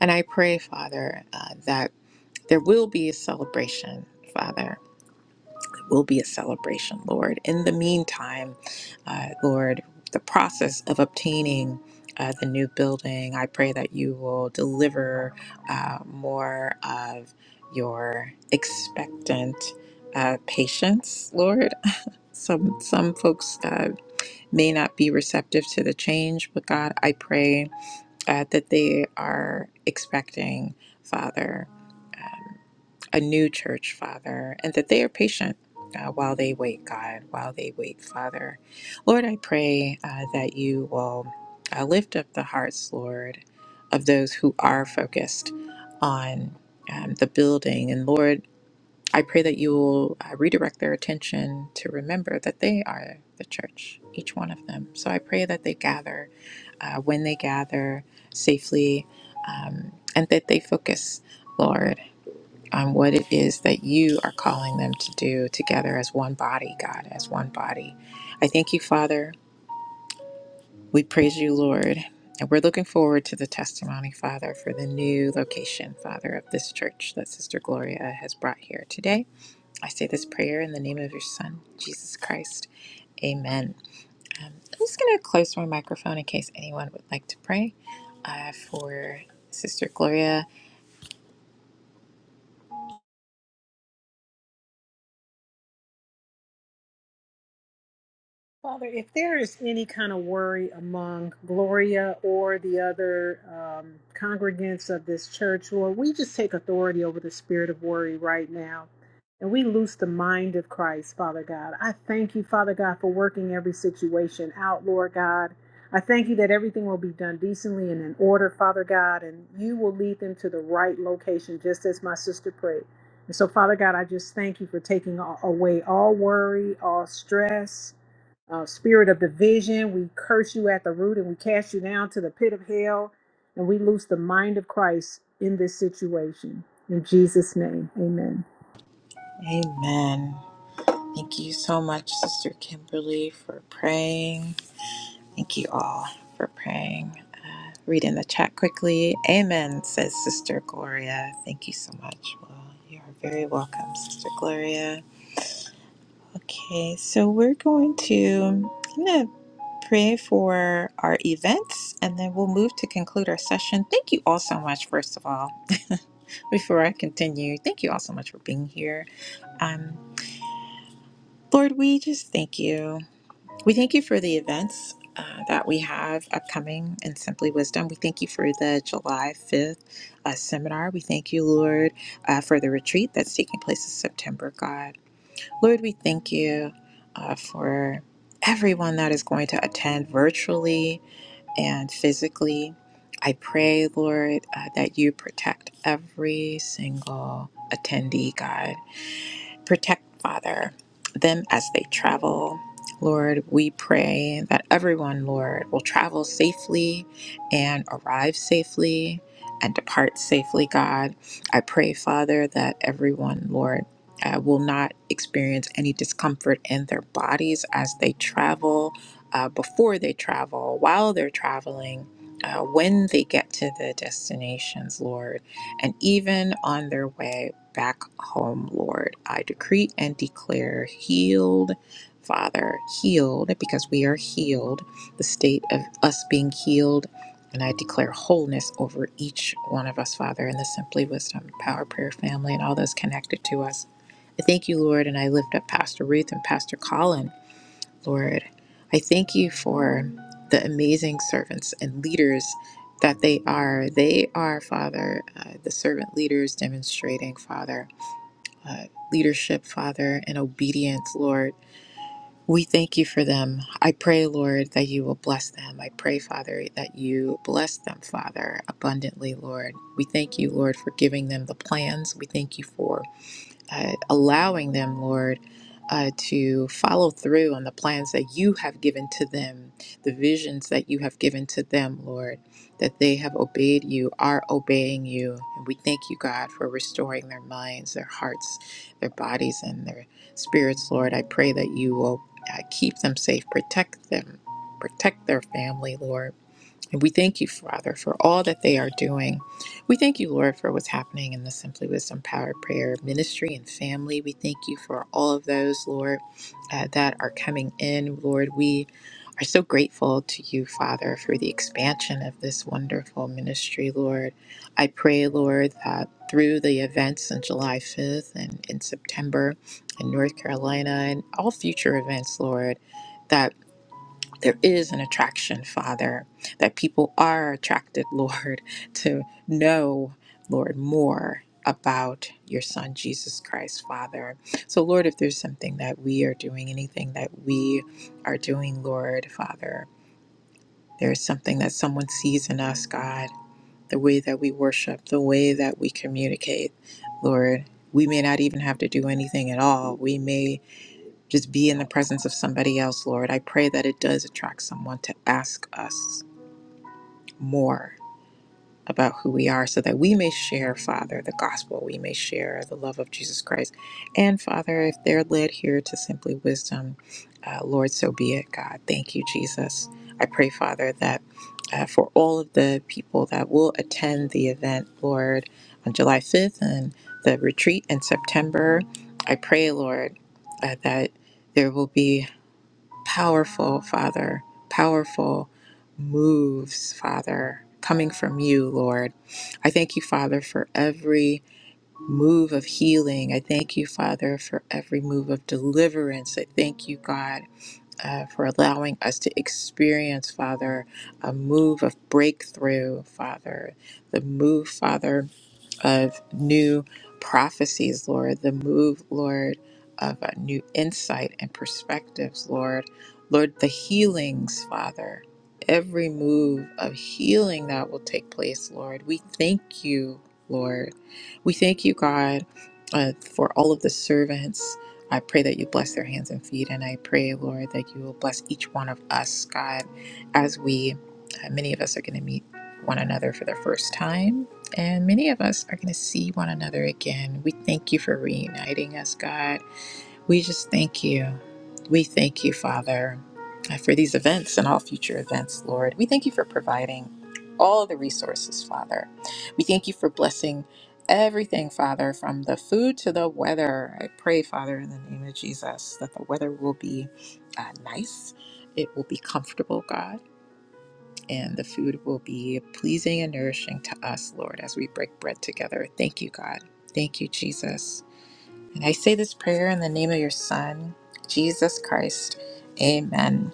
S1: And I pray, Father, uh, that there will be a celebration, Father will be a celebration, Lord. In the meantime, uh, Lord, the process of obtaining uh, the new building, I pray that you will deliver uh, more of your expectant uh, patience, Lord. Some some folks uh, may not be receptive to the change, but God, I pray uh, that they are expecting, Father, um, a new church, Father, and that they are patient. Uh, while they wait, God, while they wait, Father. Lord, I pray uh, that you will uh, lift up the hearts, Lord, of those who are focused on um, the building. And Lord, I pray that you will uh, redirect their attention to remember that they are the church, each one of them. So I pray that they gather uh, when they gather safely um, and that they focus, Lord, on what it is that you are calling them to do together as one body, God, as one body. I thank you, Father. We praise you, Lord. And we're looking forward to the testimony, Father, for the new location, Father, of this church that Sister Gloria has brought here today. I say this prayer in the name of your Son, Jesus Christ. Amen. Um, I'm just going to close my microphone in case anyone would like to pray uh, for Sister Gloria.
S4: Father, if there is any kind of worry among Gloria or the other um, congregants of this church, Lord, we just take authority over the spirit of worry right now. And we loose the mind of Christ, Father God. I thank you, Father God, for working every situation out, Lord God. I thank you that everything will be done decently and in order, Father God, and you will lead them to the right location, just as my sister prayed. And so, Father God, I just thank you for taking a- away all worry, all stress uh, spirit of division. We curse you at the root and we cast you down to the pit of hell. And we loose the mind of Christ in this situation. In Jesus' name, amen.
S1: Amen. Thank you so much, Sister Kimberly, for praying. Thank you all for praying. Uh, read in the chat quickly. Amen, says Sister Gloria. Thank you so much. Well, you are very welcome, Sister Gloria. Okay, so we're going to I'm gonna pray for our events and then we'll move to conclude our session. Thank you all so much, first of all. Before I continue, thank you all so much for being here. Um, Lord, we just thank you. We thank you for the events uh, that we have upcoming in Simply Wisdom. We thank you for the July 5th uh, seminar. We thank you, Lord, uh, for the retreat that's taking place in September, God. Lord, we thank you uh, for everyone that is going to attend virtually and physically. I pray, Lord, uh, that you protect every single attendee, God. Protect, Father, them as they travel. Lord, we pray that everyone, Lord, will travel safely and arrive safely and depart safely, God. I pray, Father, that everyone, Lord, uh, will not experience any discomfort in their bodies as they travel, uh, before they travel, while they're traveling, uh, when they get to the destinations, Lord and even on their way back home, Lord. I decree and declare healed, Father, healed, because we are healed, the state of us being healed. And I declare wholeness over each one of us, Father, in the Simply Wisdom Power Prayer family and all those connected to us. I thank you, Lord, and I lift up Pastor Ruth and Pastor Colin Lord, I thank you for the amazing servants and leaders that they are. They are, Father, uh, the servant leaders demonstrating, Father, uh, leadership, Father, and obedience, Lord. We thank you for them. I pray, Lord, that you will bless them. I pray, Father, that you bless them, Father, abundantly, Lord. We thank you, Lord, for giving them the plans. We thank you for uh, allowing them, Lord, uh, to follow through on the plans that you have given to them, the visions that you have given to them, Lord, that they have obeyed you, are obeying you. And we thank you, God, for restoring their minds, their hearts, their bodies, and their spirits, Lord. I pray that you will uh, keep them safe, protect them, protect their family, Lord and we thank you, Father, for all that they are doing. We thank you, Lord, for what's happening in the Simply Wisdom Power Prayer ministry and family. We thank you for all of those, Lord, uh, that are coming in. Lord, we are so grateful to you, Father, for the expansion of this wonderful ministry, Lord. I pray, Lord, that through the events on July 5th and in September in North Carolina and all future events, Lord, that there is an attraction, Father, that people are attracted, Lord, to know, Lord, more about your Son, Jesus Christ, Father. So, Lord, if there's something that we are doing, anything that we are doing, Lord, Father, there is something that someone sees in us, God, the way that we worship, the way that we communicate, Lord. We may not even have to do anything at all. We may just be in the presence of somebody else, Lord. I pray that it does attract someone to ask us more about who we are so that we may share, Father, the gospel. We may share the love of Jesus Christ. And, Father, if they're led here to simply wisdom, uh, Lord, so be it, God. Thank you, Jesus. I pray, Father, that uh, for all of the people that will attend the event, Lord, on July 5th and the retreat in September, I pray, Lord, uh, that there will be powerful, Father, powerful moves, Father, coming from you, Lord. I thank you, Father, for every move of healing. I thank you, Father, for every move of deliverance. I thank you, God. Uh, for allowing us to experience, Father, a move of breakthrough, Father, the move, Father of new prophecies, Lord, the move, Lord, of uh, new insight and perspectives, Lord. Lord, the healings, Father, every move of healing that will take place, Lord. We thank you, Lord. We thank you, God, uh, for all of the servants. I pray that you bless their hands and feet, and I pray, Lord, that you will bless each one of us, God, as we, uh, many of us are going to meet one another for the first time and many of us are going to see one another again. We thank you for reuniting us, God. We just thank you. We thank you, Father, uh, for these events and all future events, Lord. We thank you for providing all the resources, Father. We thank you for blessing everything, Father, from the food to the weather. I pray, Father, in the name of Jesus, that the weather will be uh, nice, it will be comfortable, God and the food will be pleasing and nourishing to us, Lord, as we break bread together. Thank you, God. Thank you, Jesus. And I say this prayer in the name of your Son, Jesus Christ. Amen.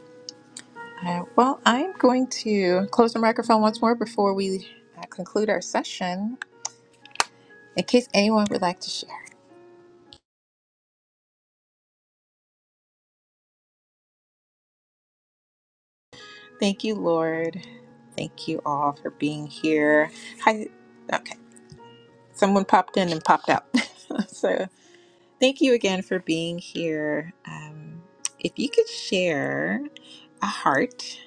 S1: Uh, well, I'm going to close the microphone once more before we uh, conclude our session in case anyone would like to share. Thank you, Lord. Thank you all for being here. Hi. Okay. Someone popped in and popped out. so. Thank you again for being here. Um, if you could share a heart.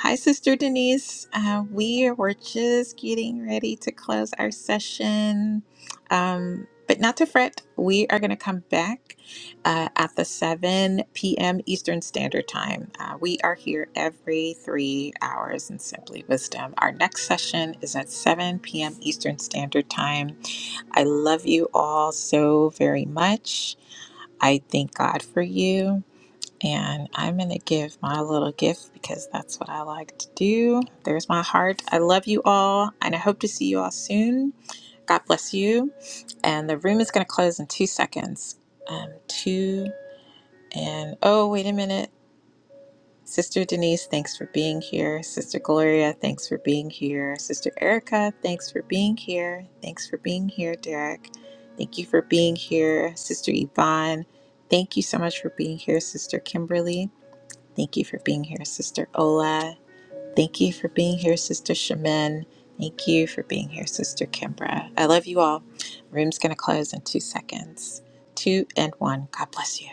S1: Hi, Sister Denise. Uh, we were just getting ready to close our session. Um, but not to fret, we are going to come back uh, at the 7 p.m. Eastern Standard Time. Uh, we are here every three hours in Simply Wisdom. Our next session is at 7 p.m. Eastern Standard Time. I love you all so very much. I thank God for you. And I'm going to give my little gift because that's what I like to do. There's my heart. I love you all. And I hope to see you all soon. God bless you. And the room is going to close in two seconds. Um, two and oh, wait a minute. Sister Denise, thanks for being here. Sister Gloria, thanks for being here. Sister Erica, thanks for being here. Thanks for being here, Derek. Thank you for being here. Sister Yvonne, thank you so much for being here. Sister Kimberly, thank you for being here. Sister Ola, thank you for being here. Sister Shemin. thank you for being here. Sister Kimbra, I love you all. Room's going to close in two seconds. Two and one. God bless you.